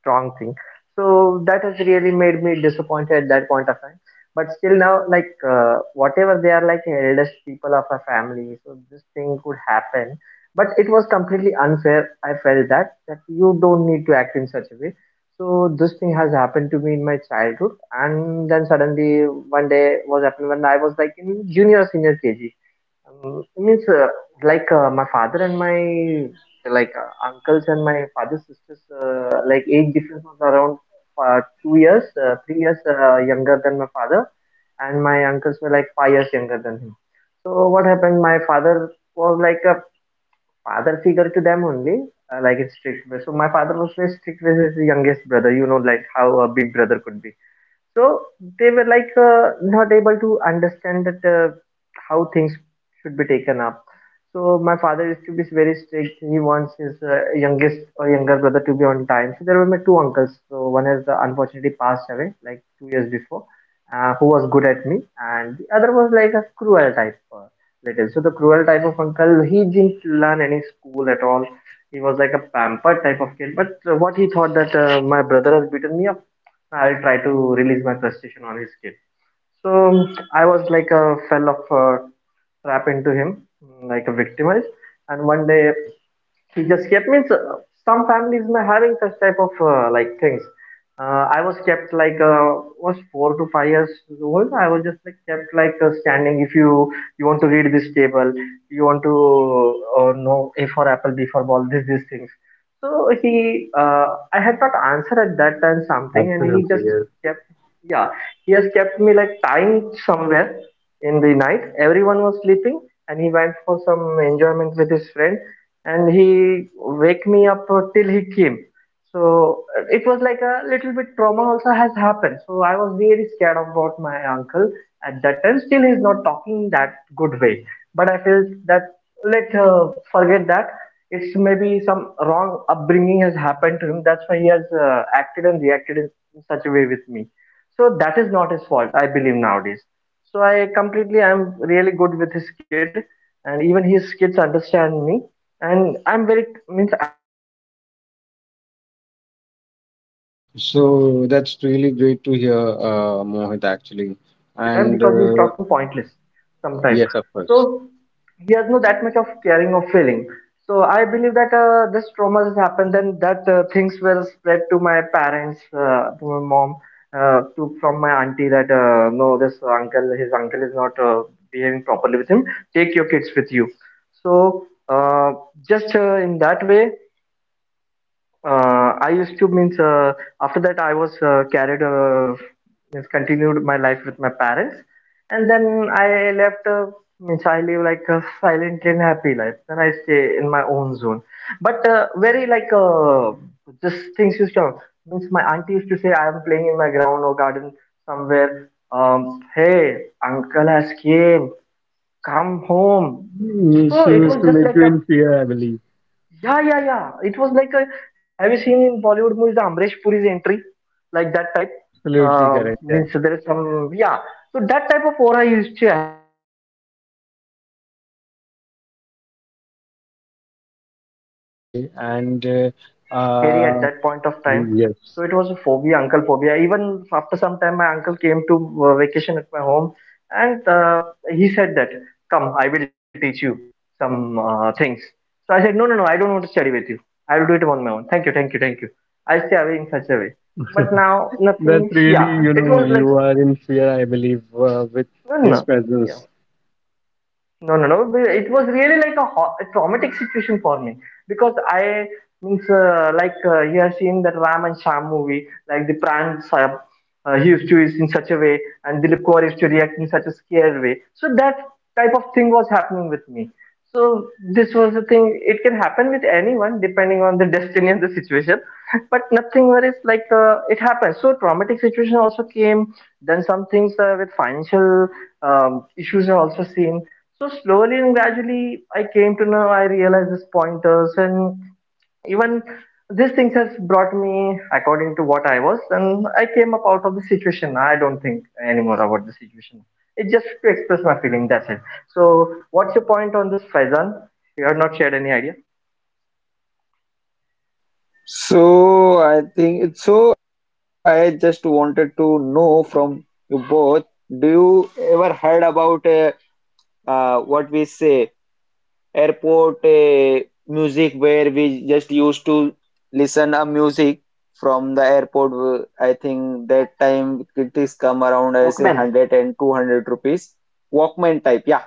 strong thing, so that has really made me disappointed at that point of time. But still now, like uh, whatever, they are like eldest people of a family, so this thing could happen, but it was completely unfair. I felt that that you don't need to act in such a way. So this thing has happened to me in my childhood. And then suddenly one day was happened when I was like in junior senior KG. Um, means uh, like uh, my father and my like uh, uncles and my father's sisters uh, like age difference was around uh, two years uh, three years uh, younger than my father, and my uncles were like five years younger than him. So what happened, my father was like a father figure to them only, uh, like in strict way. So my father was very strict with his youngest brother, you know, like how a big brother could be. So they were like uh, not able to understand that uh, how things should be taken up. So my father used to be very strict. He wants his uh, youngest or younger brother to be on time. So there were my two uncles. So one has uh, unfortunately passed away like two years before, uh, who was good at me, and the other was like a cruel type uh, little. So the cruel type of uncle, he didn't learn any school at all. He was like a pampered type of kid. But uh, what he thought that uh, my brother has beaten me up, I'll try to release my frustration on his kid. So I was like a fell of a trap into him, like a victimized. And one day just kept, means uh, some families may having such type of uh, like things. Uh, I was kept like uh, was four to five years old. I was just like kept like uh, standing. If you you want to read this table, you want to uh, know A for apple, B for ball, this these things. So he, uh, I had not answered at that time something, and he just
Absolutely, yes.
kept, yeah, he has kept me like tying somewhere in the night. Everyone was sleeping, and he went for some enjoyment with his friends, and he wake me up uh, till he came. So uh, it was like a little bit trauma also has happened. So I was very scared about my uncle. At that time still he's not talking that good way, but I feel that let uh, forget that. It's maybe some wrong upbringing has happened to him, that's why he has uh, acted and reacted in such a way with me. So that is not his fault, I believe nowadays. So I completely, I'm really good with his kid, and even his kids understand me, and I'm very, means I'm talking to him but very a few, on few friends, means not
So
using that
that's
much
really
word,
great to hear,
means I'm
uh,
almost
Mohit,
ignoring
actually.
him most of the time
And
because he's
uh,
talking pointless sometimes.
yes, of course.
So he has no that much of caring or feeling. So I believe that uh, this trauma has happened, then that uh, things will spread to my parents uh, to my mom, uh, to from my auntie that uh, no, this uncle, his uncle is not uh, behaving properly with him, take your kids with you. So uh, just uh, in that way uh, I used to, means uh, after that I was uh, carried uh, means continued my life with my parents, and then I left, uh, means I live like a silent and happy life. Then I stay in my own zone, but uh, very like uh, just things used to, means my auntie used to say I am playing in my ground or garden somewhere. Um, hey, uncle has came, come home.
Mm,
So
She
it
used
was
to
just
make
like
you
a,
in fear, I believe.
yeah, yeah, yeah. It was like a. Have you seen in Bollywood movies the Amresh Puri's entry, like that type?
Absolutely
Um,
correct, yeah.
means there is some, yeah. So that type of aura I used to have, and that type of impact I was having in four and five, and that is not good actually for a kid. So that thing
Okay,
uh,
and
makes me
uh,
really scary at
uh,
that point of time.
mm,
So it was a phobia, uncle phobia. Even after some time, my uncle came to uh, vacation at my home, and uh, he said that, "Come, I will teach you some uh, things." So I said, no, no, no, I don't want to study with you. I will do it on my own. Thank you, thank you, thank you. I stay away in such a way.
yes.
But
<laughs>
now
That
nothing.
really,
Yeah,
you
it
know,
was like
you are in fear, I believe, uh, with
no, no,
his
no. Yeah.
presence.
No, no, no. But it was really like a, ho- a traumatic situation for me because I, means uh, like uh, you have seen that Ram and Sham movie, like the Pran Sahib, uh, he used to is in such a way, and Dilip Kaur used to react in such a scared way. So that type of thing was happening with me. So this was the thing. It can happen with anyone depending on the <laughs> destiny and the situation, <laughs> but nothing, where it's like uh, it happens. So traumatic situation also came. Then some things uh, with financial um, issues are also seen. So slowly and gradually, I came to know. I realized these pointers, and even these things has brought me according to what I was, and I came up out of the situation. I don't think anymore about the situation. It's just to express my feeling. That's it. So, what's your point on this, Faizan? You have not shared any idea.
So I think it's so I just wanted to know from you both, do you ever heard about uh, uh, what we say airport uh, music where we just used to listen a music from the airport? Uh, I think that time it is come around I say one
Walkman.
hundred and two hundred rupees. Walkman type, yeah.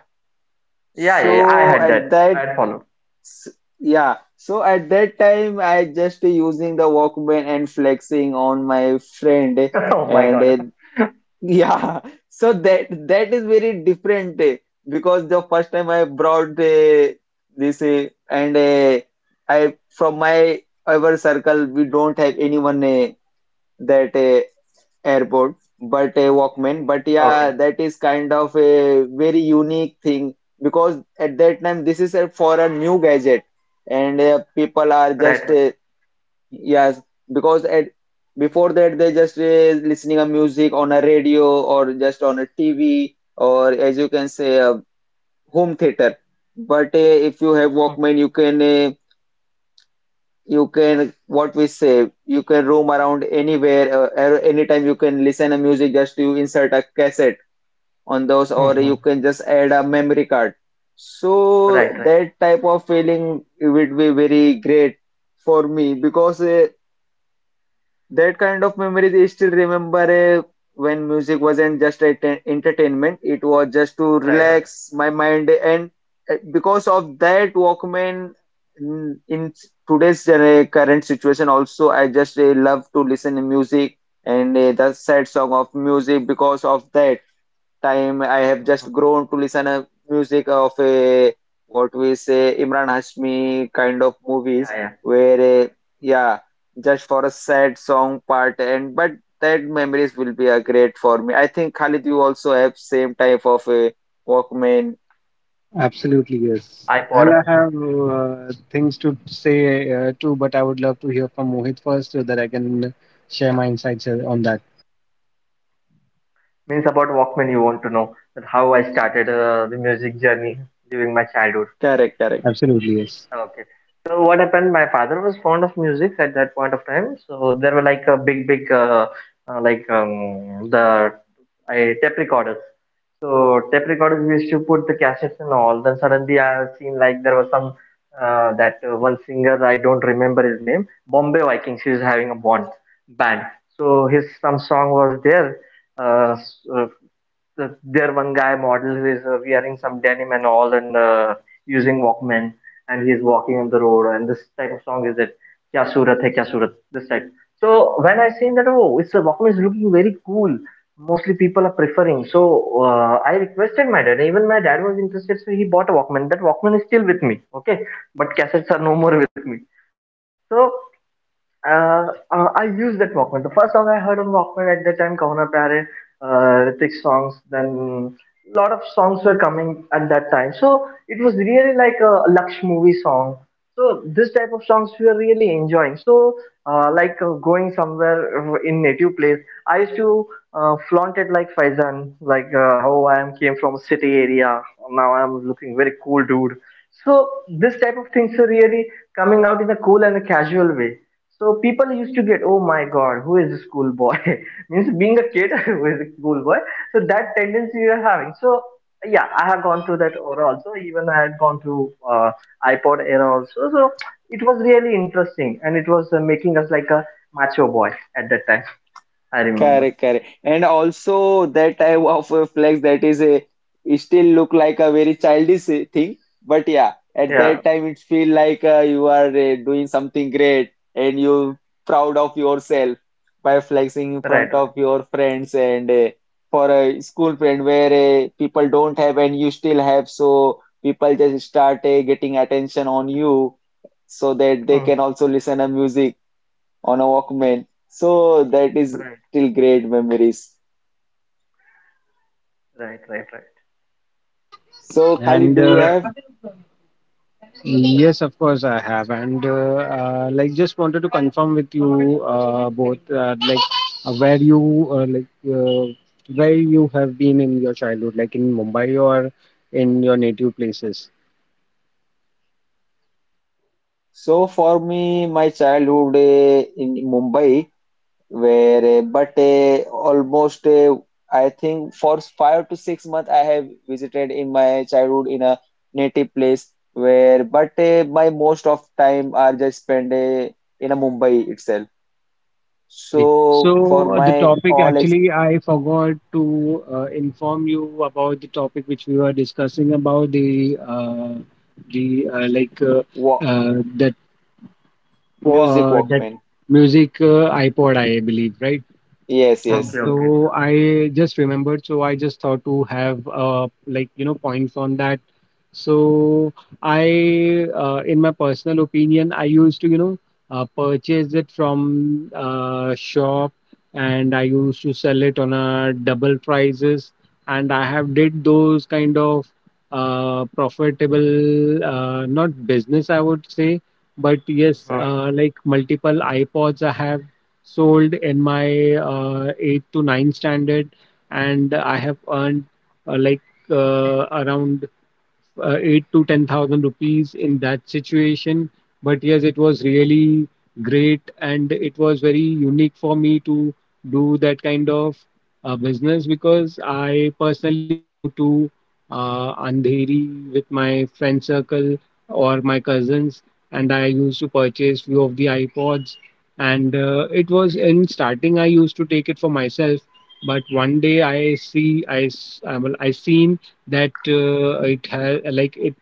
Yeah, yeah, yeah, I
So
had
at
that. I
that
had followed.
S- Yeah, so at that time I just using the Walkman and flexing on my friend,
<laughs> Oh my
and uh,
god.
<laughs> yeah, so that that is
<laughs>
very
Yeah,
different uh, Because the first time I brought uh, this uh, and uh, I from my our circle we don't have anyone uh, that uh, airport but a walkman,
using.
but
Okay,
yeah that is kind of a very unique thing. Because at that time this is a, for a new gadget, and uh, people are just
right,
uh, yes. Because at before that they just uh, listening a music on a radio, or just on a TV, or as you can say a home theater. But uh, if you have
right.
walkman you can, uh, you can, what we say, you can roam around anywhere, uh, ar- anytime you can listen a music, just you insert a cassette on those, or you
Mhm.
can just add a memory card. So
Right, right,
that type of feeling it would be very great for me because uh, that kind of memories I still remember, eh, when music wasn't just a te- entertainment, it was just to
right, right.
relax my mind. And eh, because of that Walkman, mm, in today's gener- current situation, also, I just eh, love to listen to music, and eh, the sad song of music, because of that time I have
Mhm.
just grown to listen a music of a what we say Imran Hashmi kind of
Yeah,
movies,
yeah.
where a, yeah, just for a sad song part, and but that memories will be a great for me. I think Khalid, you also have same type of a Walkman.
Absolutely, yes. And
iPod.
I have uh, things to say uh, too, but I would love to hear from Mohit first so that I can share my insights uh, on that.
Means about Walkman, you want to know that how I started uh, the music journey during my childhood.
Correct, correct.
Absolutely, yes.
Okay, so what happened, my father was fond of music at that point of time. So there were like a big big uh, uh, like um, the I tape recorders. So tape recorders we used to put the cassettes and all. Then suddenly I have seen like there was some uh, that uh, one singer, I don't remember his name, Bombay Vikings, he was having a bond band. So his some song was there. uh, s- uh, the, there one guy model who is uh, wearing some denim and all, and uh, using Walkman, and he is walking on the road, and this type of song is it, kya surat hai kya surat, this type. So when I seen that, oh, it's a Walkman, is looking very cool, mostly people are preferring. So uh, I requested my dad, even my dad was interested, so he bought a Walkman. That Walkman is still with me, okay, but cassettes are no more with me. So uh, uh, I used that Walkman. The first song I heard on Walkman at that time, Kahuna Pyare, uh, Ritik's songs, then a lot of songs were coming at that time. So it was really like a Laksh movie song. So this type of songs we were really enjoying. So uh, like uh, going somewhere in native place, I used to uh, flaunt it like Faizan, like uh, oh, I am came from a city area. Now I am looking very cool dude. So this type of things are really coming out in a cool and a casual way. So people used to get, oh my god, who is a schoolboy? <laughs> Means being a kid <laughs> who is a schoolboy. So that tendency you are having. So yeah, I have gone through that era also. Even I had gone through uh, iPod era also. So it was really interesting, and it was uh, making us like a macho boy at that time. I remember.
Correct, correct. And also that type of a flex, that is a it still look like a very childish uh, thing, but yeah, at
Yeah,
that time it feel like uh, you are uh, doing something great and you proud of yourself by flexing in
right,
front
right.
of your friends, and uh, for a school friend where uh, people don't have and you still have, so people just start uh, getting attention on you, so that they
Hmm.
can also listen to music on a Walkman. So that is
Right,
still great memories.
right,
Mm,
right, right.
That's really great to hear.
So Khalid,
And
do you
uh,
have?
yes, of <laughs> course I have, and uh, uh, like, just wanted to confirm with you uh, both, uh, like, uh, where you, uh, like uh, where you have been in your childhood, like in Mumbai or in your native places.
So for me, my childhood, eh, in Mumbai, where, eh, but eh, almost eh, I think for five to six months I have visited in my childhood in a native place, where but eh, my most of time are just spent eh, in a Mumbai itself.
Okay,
So for
so uh, the
my
topic
all ex
actually I forgot to uh, inform you about, the topic which we were discussing about the uh, the uh, like uh,
wa
uh, that
music
uh, that
Walkman,
music, uh, iPod, I believe, right?
yes,
Okay,
yes.
okay.
So I just remembered, so I just thought to have uh, like, you know points on that. So I, uh, in my personal opinion, I used to, you know uh, purchase it from uh, shop, and I used to sell it on a double prices, and I have did those kind of uh, profitable, uh, not business, I would say, but yes,
Mhm.
uh, like, multiple iPods I have sold in my uh, eighth to ninth standard, and I have earned uh, like, uh, around uh, eight to ten thousand rupees in that situation. But yes, it was really great, and it was very unique for me to do that kind of uh, business, because I personally go to uh, Andheri with my friend circle or my cousins, and I used to purchase few of the iPods. And uh, it was in starting I used to take it for myself, but one day I see I s- I, well, I seen that uh, it has like it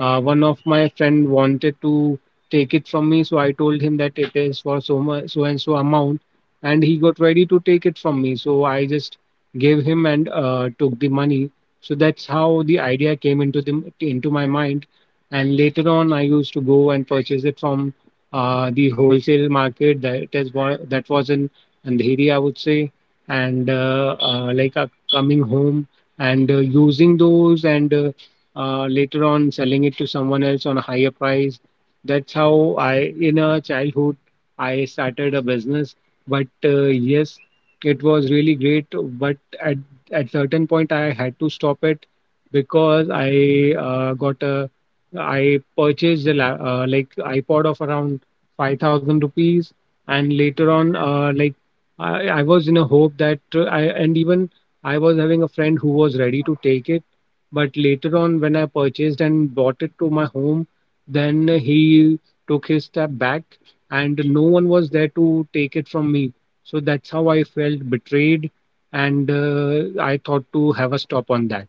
uh, one of my friend wanted to take it from me, so I told him that it is for so much, so and so amount, and he got ready to take it from me. So I just gave him and uh, took the money. So that's how the idea came into the into my mind, and later on I used to go and purchase it from uh, the wholesale market. That is what that was in Andheri, I would say, and uh, uh, like, uh, coming home and uh, using those, and. Uh, uh, later on, selling it to someone else on a higher price. That's how I, in a childhood, I started a business. But uh, yes, it was really great. But at at certain point, I had to stop it, because I uh, got a, I purchased a la- uh, like iPod of around five thousand rupees. And later on, uh, like, I, I was in a hope that uh, I, and even I was having a friend who was ready to take it, but later on, when I purchased and brought it to my home, then he took his step back, and no one was there to take it from me. So that's how I felt betrayed. And uh, I thought to have a stop on that.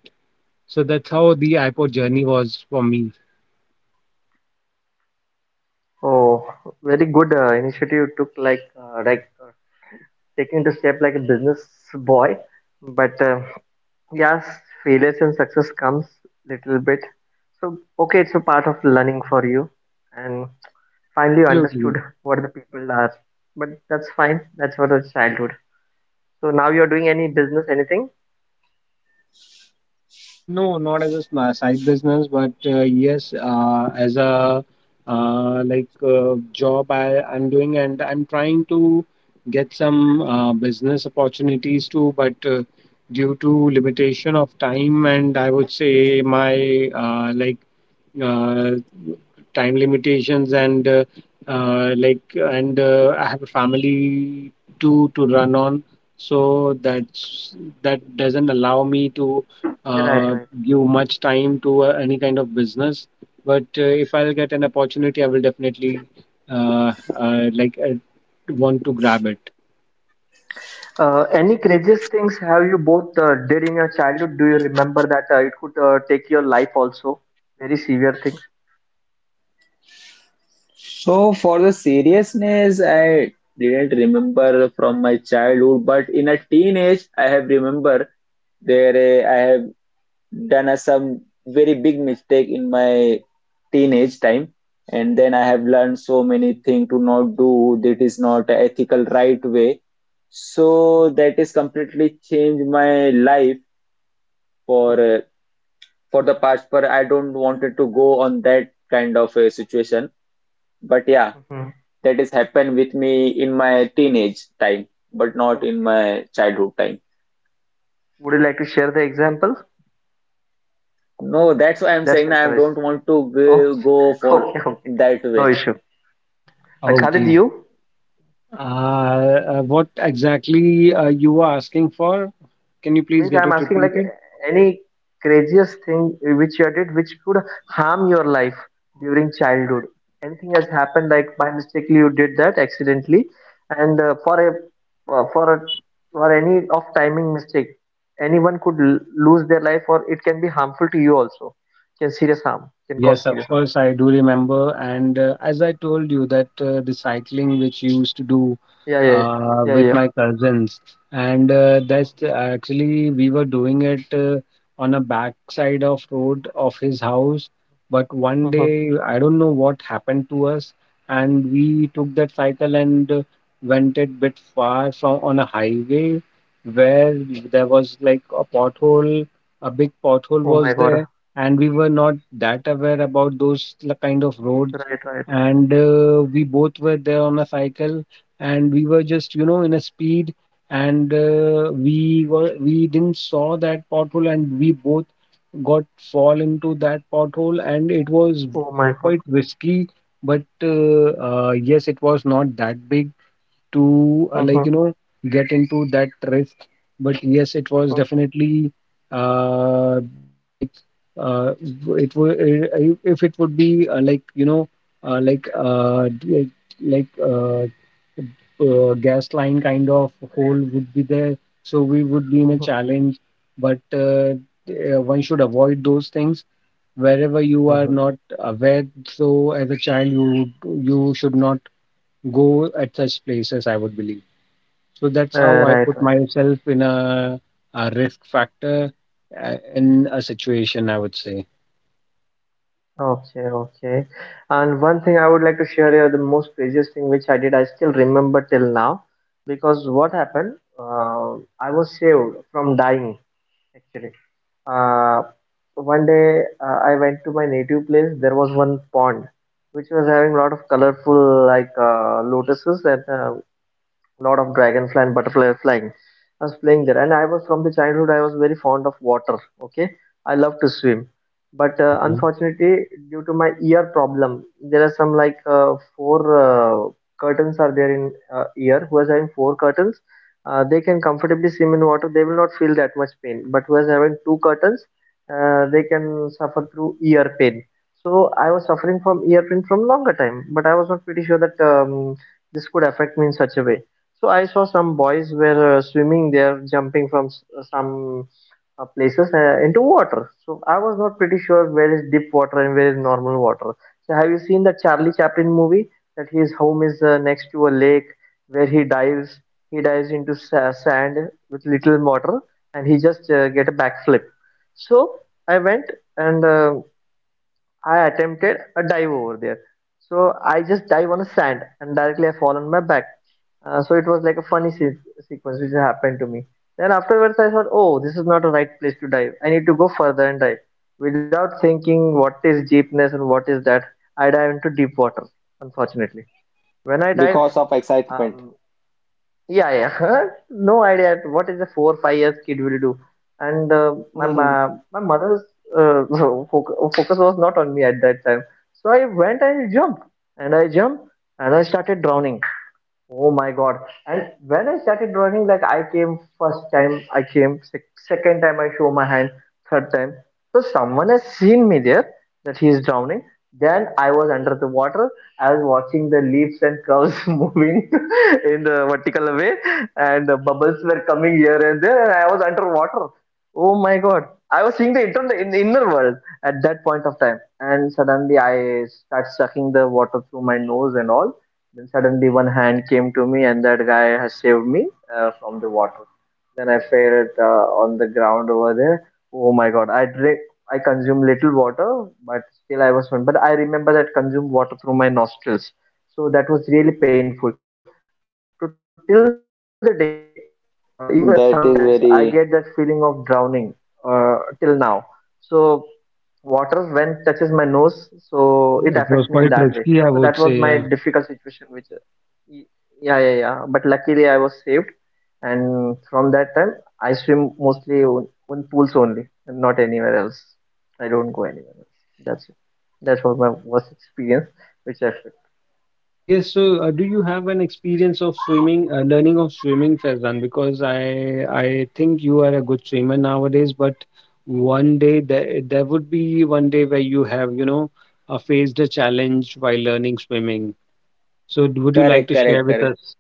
So that's how the iPod journey was for me.
Oh, very good uh, initiative you took. Like, uh, like taking the step like a business boy, but uh, yes, failures and success comes little bit. So okay, it's a part of learning for you, and finally you
Absolutely.
understood what the people are. But that's fine, that's what the childhood. So now you're doing any business, anything?
Uh, no, not as a sma- side business, but uh, yes, uh, as a uh, like uh, job I, I'm doing, and I'm trying to get some uh, business opportunities too. But uh, due to limitation of time, and I would say my uh, like uh, time limitations, and uh, uh, like, and uh, I have a family to to run
Mhm.
on, so that's that doesn't allow me to
Right,
uh,
right.
give much time to uh, any kind of business, but uh, if I'll get an opportunity, I will definitely uh, uh, like, uh, want to grab it.
Uh, any craziest things have you both uh, did in your childhood, do you remember that uh, it could uh, take your life also? Very severe thing.
So for the seriousness, I didn't remember from my childhood, but in a teenage, I have remember there, eh, I have done, a, some very big mistake in my teenage time, and then I have
Okay.
learned so many things to not do. That is not a ethical right way. So
Hmm.
that is completely changed my life for, eh, for the past. But I don't wanted to go on that kind of a situation. But yeah,
Okay.
that has happened with me in my teenage time, but not in
Hmm.
my childhood time.
Would you like to share the example?
No, that's why I'm
That's
saying
your
I
choice.
don't want to go
Okay,
go
<laughs>
for
okay, okay.
that
No
way.
issue. Uh, Khalid,
Okay.
you
Uh, uh, what exactly uh, you were asking for? Can you please
means
get
I'm
it
asking like
repeated?
any craziest thing which you did which could harm your life during childhood. Anything has happened like by mistake you did that accidentally, and uh, for a uh, for a for any of timing mistake, anyone could l- lose their life, or it can be harmful to you also. Can serious harm, can cause
Yes, of
serious harm.
course, I do remember. And uh, as I told you, that uh, the cycling which you used to do
Yeah, yeah,
uh,
yeah,
with
yeah.
my cousins, and uh, that's the- actually we were doing it uh, on a backside of road of his house. But one
Mhm.
day, I don't know what happened to us, and we took that cycle and uh, went a bit far from on a highway where there was like a pothole, a big pothole
Oh my
was
god.
there and we were not that aware about those l- kind of roads
Right, right.
and uh, we both were there on a cycle and we were just you know in a speed and uh, we were we didn't saw that pothole and we both got fall into that pothole and it was
Oh my god.
quite risky but uh, uh, yes it was not that big to uh,
Mm-hmm.
like you know get into that risk. But yes, it was definitely uh, uh, like uh, it would if it would be uh, like you know uh, like uh, d- like uh, uh, gas line kind of hole would be there. So we would be in a
Mm-hmm.
challenge, but uh, uh, one should avoid those things wherever you are
Mm-hmm.
not aware. So as a child, you would- you should not go at such places, I would believe. So that's
Uh,
how I
right,
put
right.
myself in a, a risk factor uh, in a situation, I would say.
Okay, okay. And one thing I would like to share here, the most craziest thing which I did, I still remember till now, because what happened, uh, I was saved from dying actually. Uh, one day uh, I went to my native place. There was one pond which was having a lot of colorful like uh, lotuses and uh, lot of dragonfly and butterfly were flying. I was playing there, and I was from the childhood. I was very fond of water. Okay, I love to swim, but uh,
Okay.
unfortunately, due to my ear problem, there are some like uh, four uh, curtains are there in uh, ear. Who is having four curtains, uh, they can comfortably swim in water. They will not feel that much pain. But who is having two curtains, uh, they can suffer through ear pain. So I was suffering from ear pain from longer time, but I was not pretty sure that um, this could affect me in such a way. So I saw some boys were uh, swimming there, jumping from s- uh, some uh, places uh, into water. So I was not pretty sure where is deep water and where is normal water. So have you seen the Charlie Chaplin movie that his home is uh, next to a lake where he dives, he dives into sa- sand with little water, and he just uh, get a backflip. So I went and uh, I attempted a dive over there. So I just dive on a sand, and directly I fall on my back. Uh, so it was like a funny se sequence which happened to me. Then afterwards, I thought, oh, this is not a right place to dive. I need to go further and dive. Without thinking what is deepness and what is that, I dive into deep water, unfortunately. When I dive,
Because of excitement.
um, yeah, yeah, <laughs> no idea what is a four, five years kid will do. And uh, my, my,
<laughs>
my mother's uh, <laughs> focus, focus was not on me at that time. So I went and jumped, and I jumped, and I started drowning. Oh my God. And when I started drawing, like I came first time, I came sec- second time, I show my hand, third time. So someone has seen me there that he is drowning. Then I was under the water. I was watching the leaves and curves <laughs> moving in the vertical way, and the bubbles were coming here and there, and I was underwater. Oh my God. I was seeing the inter- in the inner world at that point of time, and suddenly I start sucking the water through my nose and all. Then suddenly one hand came to me, and that guy has saved me uh, from the water. Then I fell uh, on the ground over there. Oh my God! I drink, I consume little water, but still I was one. But I remember that consumed water through my nostrils, so that was really painful. To till the day, uh, even sometimes I get that feeling of
That
drowning
is
uh,
very.
till now. So water when touches my nose, so it affects me in that way. So that was
It
my
was quite
difficult
risky, I
situation
would
which
say. Yeah.
Y- yeah, yeah, yeah. But luckily, I was saved, and from that time, I swim mostly on, on pools only, and not anywhere else. I don't go anywhere else. That's it. That was my worst experience, which I felt.
Yes, so uh, do you have an experience of swimming, uh, learning of swimming, Faizan? Because I I think you are a good swimmer nowadays, but one day there there would be one day where you have, you know, uh, faced a challenge while learning swimming. So d- would you like
Correct,
to
correct,
share with
correct.
us?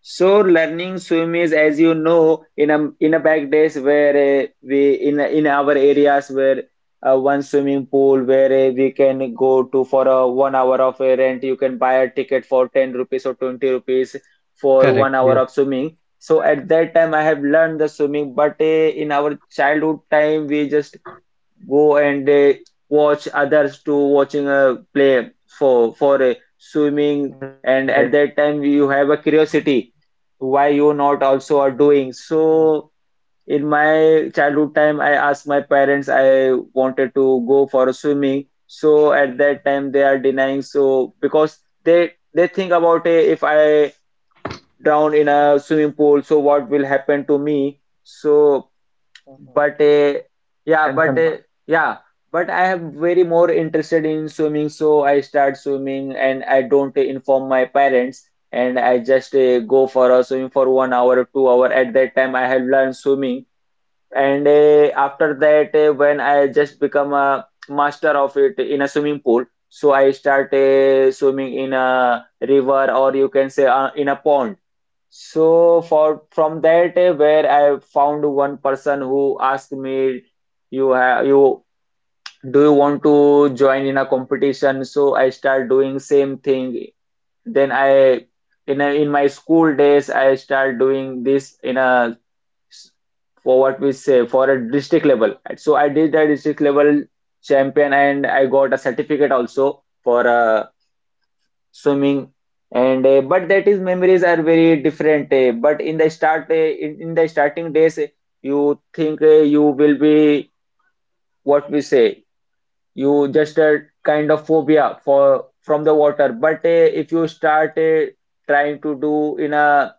So learning swim is, as you know, in a in a back days where uh, we in in our areas, where uh, one swimming pool where uh, we can go to for a one hour of a rent. You can buy a ticket for ten rupees or twenty rupees for
Correct.
one hour
Yes.
of swimming. So at that time, I have learned the swimming, but uh, in our childhood time, we just go and uh, watch others to watching a play for for uh,
Right.
swimming. And at that time you have a curiosity why you not
Hmm.
also are doing so. In my childhood time I asked my parents I wanted to go for a swimming, so at that time they are denying, so because they they think about uh, if I drown in a swimming pool, so what will happen to me. So
Hmm.
but, uh,
Concern part.
yeah, but, uh, yeah, but I am very more interested in swimming, so I start swimming and I don't inform my parents, and I just uh, go for a swim for one hour, two hour. At that time, I have learned swimming, and uh, after that, uh, when I just become a master of it in a swimming pool, so I start uh, swimming in a river, or you can say uh, in a pond. So for from that day where I found one person who asked me, you have you do you want to join in a competition? So I start doing same thing. Then I, in a, in my school days I start doing this in a s- for what we say for a district level. So I did a district level champion, and I got a certificate also for a swimming. And uh, but that is memories are very different, uh, but in the start, uh, in, in the starting days, uh, you think uh, you will be what we say, you just a kind of phobia for from the water. But uh, if you start uh, trying to do in a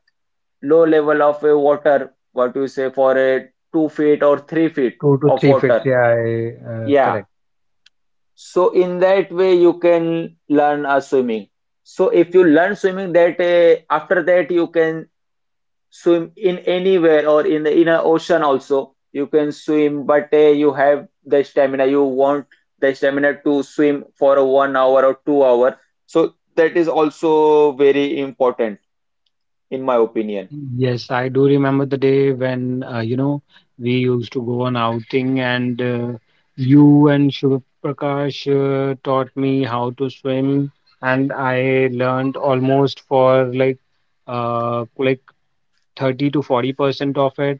low level of uh, water, what you say, for uh, two feet or three feet
Two to
of
three feet.
water,
Yeah. I, uh,
yeah.
correct.
So in that way you can learn a swimming. So if you learn swimming, that uh, after that you can swim in anywhere, or in the inner ocean also you can swim. But uh, you have the stamina. You want the stamina to swim for a one hour or two hour. So that is also very important in my opinion.
Yes, I do remember the day when uh, you know we used to go on outing, and uh, you and Shubh Prakash uh, taught me how to swim, and I learned almost for like uh, like thirty to forty percent of it.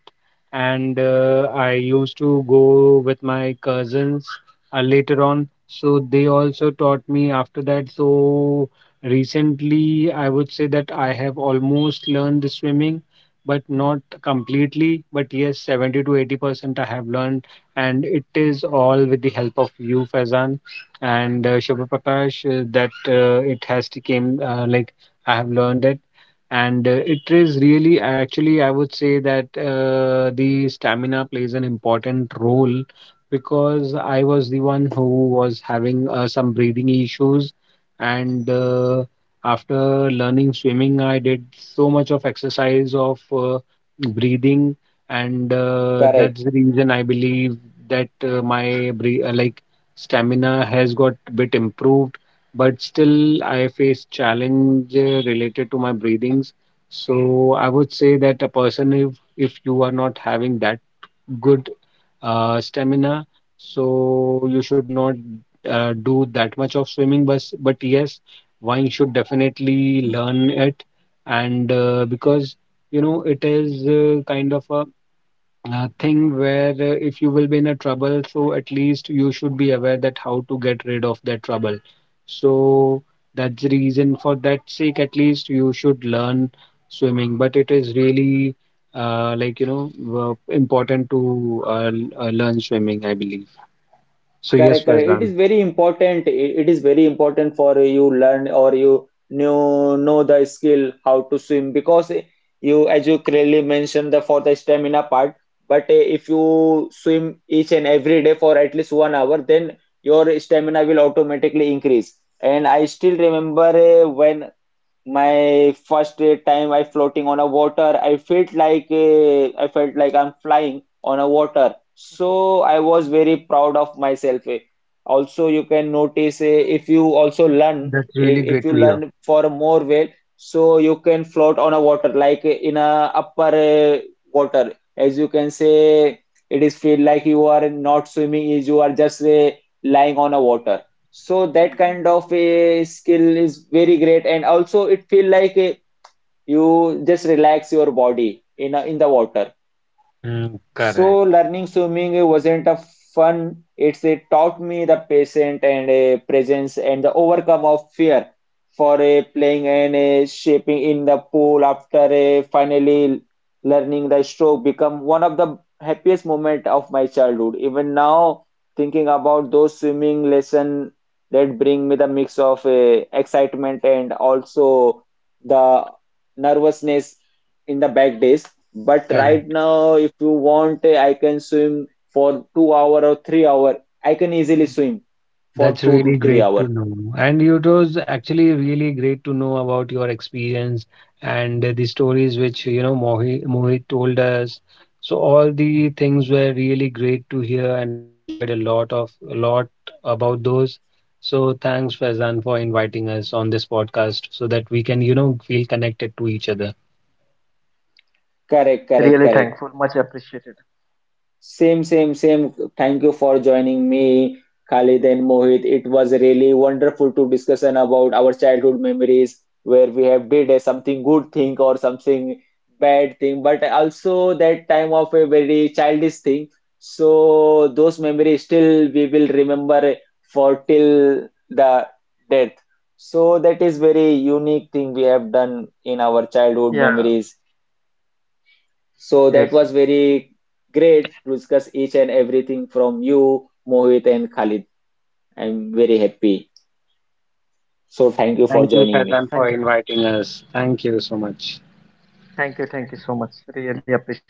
And uh, I used to go with my cousins uh, later on. So they also taught me after that. So recently, I would say that I have almost learned the swimming, but not completely. But yes, seventy to eighty percent I have learned. And it is all with the help of you, Faizan, and uh, Shubha Prakash, uh, that uh, it has to came uh, like I have learned it, and uh, it is really actually I would say that uh, the stamina plays an important role, because I was the one who was having uh, some breathing issues and uh, after learning swimming I did so much of exercise of uh, breathing, and uh,
Correct.
that's the reason I believe that uh, my bre- uh, like stamina has got a bit improved, but still I face challenge uh, related to my breathings. So I would say that a person, if if you are not having that good uh, stamina, so you should not uh, do that much of swimming. But but yes, one should definitely learn it, and uh, because you know it is uh, kind of a uh, thing where uh, if you will be in a trouble, so at least you should be aware that how to get rid of that trouble. So that's the reason, for that sake, at least you should learn swimming. But it is really uh, like you know w- important to uh, l- uh, learn swimming, I believe. So yes,
Correct, correct, It
Faizan,
is very important. It, it is very important for you learn, or you know know the skill how to swim, because eh, you, as you clearly mentioned, the for the stamina part. But eh, if you swim each and every day for at least one hour, then your stamina will automatically increase. And I still remember, eh, when my first uh, time I floating on a water, I felt like, uh, I felt like I'm flying on a water. So I was very proud of myself. eh. Also, you can notice, eh, if you also learn,
that's really
if, if
great to
you
hear.
learn for more well, so you can float on a water, like, eh, in a upper eh, water. As you can say, it is feel like you are not swimming, is you are just eh, lying on a water. So that kind of a skill is very great, and also it feel like eh, you just relax your body in a, in the water.
Mm,
So
correct,
learning swimming wasn't a fun. It's a taught me the patience and a presence and the overcome of fear for a playing and a shaping in the pool, after a finally learning the stroke become one of the happiest moment of my childhood. Even now, thinking about those swimming lesson, that bring me the mix of a excitement and also the nervousness in the back days. But right
correct.
now, if you want, I can swim for two hour or three hour. I can easily swim for
That's
two to
really
three
great to
hour.
know. And it was actually really great to know about your experience and the stories which, you know, Mohi Mohit told us. So all the things were really great to hear, and I enjoyed a lot of a lot about those. So thanks, Faizan, for inviting us on this podcast so that we can, you know, feel connected to each other.
Correct, correct,
Really
correct.
thankful. Much appreciated.
Same, same, same. Thank you for joining me, Khalid and Mohit. It was really wonderful to discussion about our childhood memories, where we have did a something good thing or something bad thing, but also that time of a very childish thing. So those memories still we will remember for till the death. So that is very unique thing we have done in our childhood
Yeah.
memories. So that
Yes.
was
Yes.
very great to discuss each and everything from you, Mohit and Khalid. I'm very happy. So thank you for
Thank you,
joining me.
Thank
Faizan,
you.
for inviting us. Thank you so much.
Thank you. Thank you so much. Really appreciative.